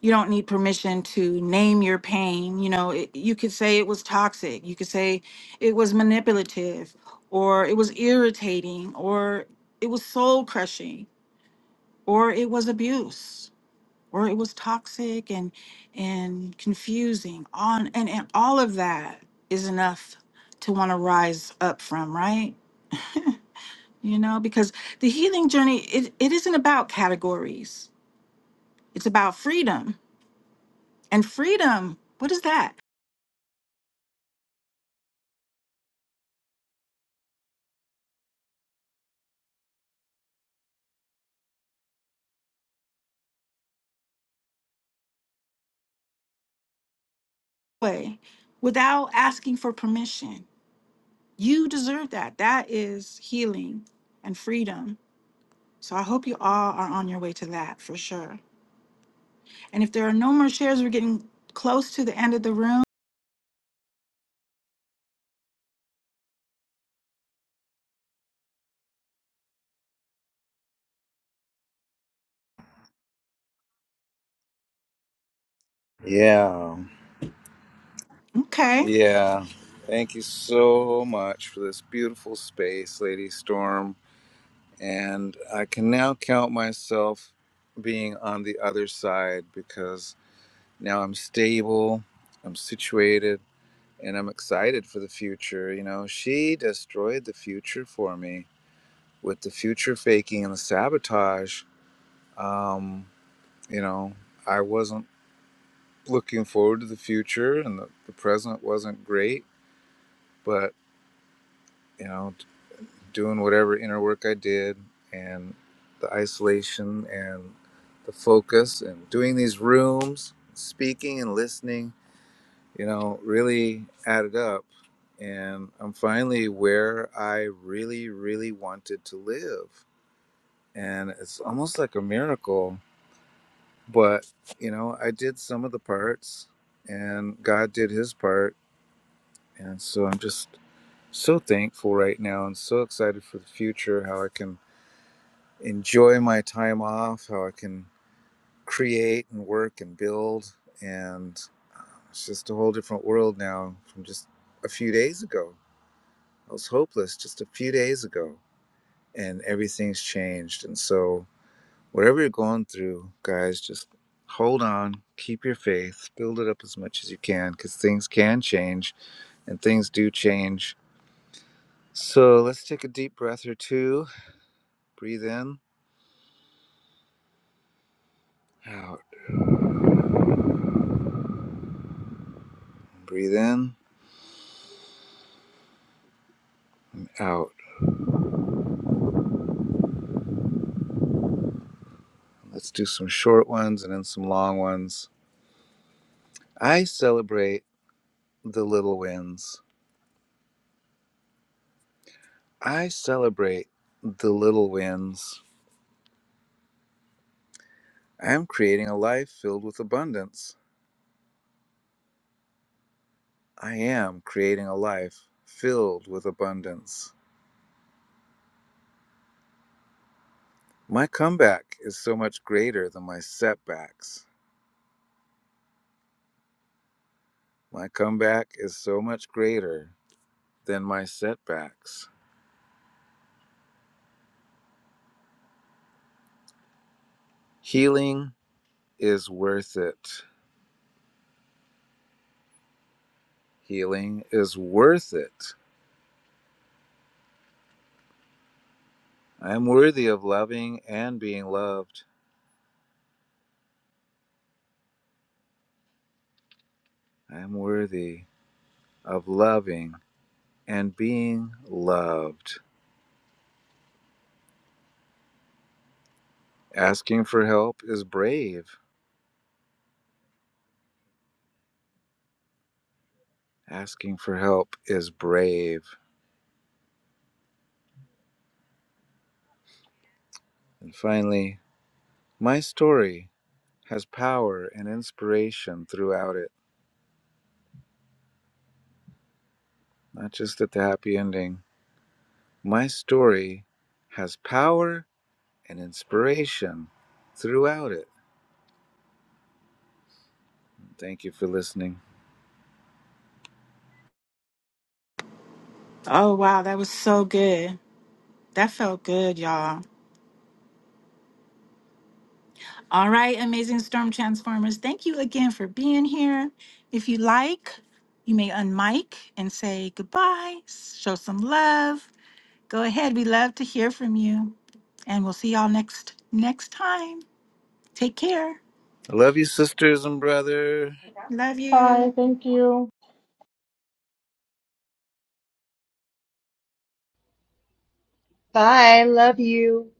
Speaker 1: you don't need permission to name your pain. You know, it, you could say it was toxic. You could say it was manipulative or it was irritating or it was soul crushing or it was abuse or it was toxic and and confusing on and, and all of that is enough to want to rise up from right you know because the healing journey it, it isn't about categories it's about freedom and freedom what is that way without asking for permission. You deserve that. That is healing and freedom. So I hope you all are on your way to that for sure. And if there are no more shares, we're getting close to the end of the room.
Speaker 2: Yeah.
Speaker 1: Okay.
Speaker 2: Yeah. Thank you so much for this beautiful space, Lady Storm. And I can now count myself being on the other side because now I'm stable, I'm situated, and I'm excited for the future. You know, she destroyed the future for me with the future faking and the sabotage. Um, you know, I wasn't looking forward to the future, and the, the present wasn't great, but you know doing whatever inner work I did and the isolation and the focus and doing these rooms, speaking and listening, you know, really added up. And I'm finally where I really, really wanted to live. And it's almost like a miracle. But, you know, I did some of the parts and God did his part. And so I'm just so thankful right now and so excited for the future, how I can enjoy my time off, how I can create and work and build. And it's just a whole different world now from just a few days ago. I was hopeless just a few days ago, and everything's changed. And so, whatever you're going through, guys, just hold on, keep your faith, build it up as much as you can because things can change and things do change. So, let's take a deep breath or two. Breathe in, out, breathe in, out. Let's do some short ones and then some long ones. I celebrate the little wins. I celebrate the little wins. I am creating a life filled with abundance. I am creating a life filled with abundance. My comeback is so much greater than my setbacks. My comeback is so much greater than my setbacks. Healing is worth it. Healing is worth it. I am worthy of loving and being loved. I am worthy of loving and being loved. Asking for help is brave. Asking for help is brave. And finally, my story has power and inspiration throughout it, not just at the happy ending. My story has power and inspiration throughout it. Thank you for listening.
Speaker 1: Oh, wow. That was so good. That felt good, y'all. All right, amazing storm transformers. Thank you again for being here. If you like, you may unmic and say goodbye, show some love. Go ahead. We love to hear from you. And we'll see y'all next next time. Take care.
Speaker 2: I love you, sisters and brother.
Speaker 5: Okay.
Speaker 1: Love you.
Speaker 5: Bye. Thank you.
Speaker 3: Bye. Love you.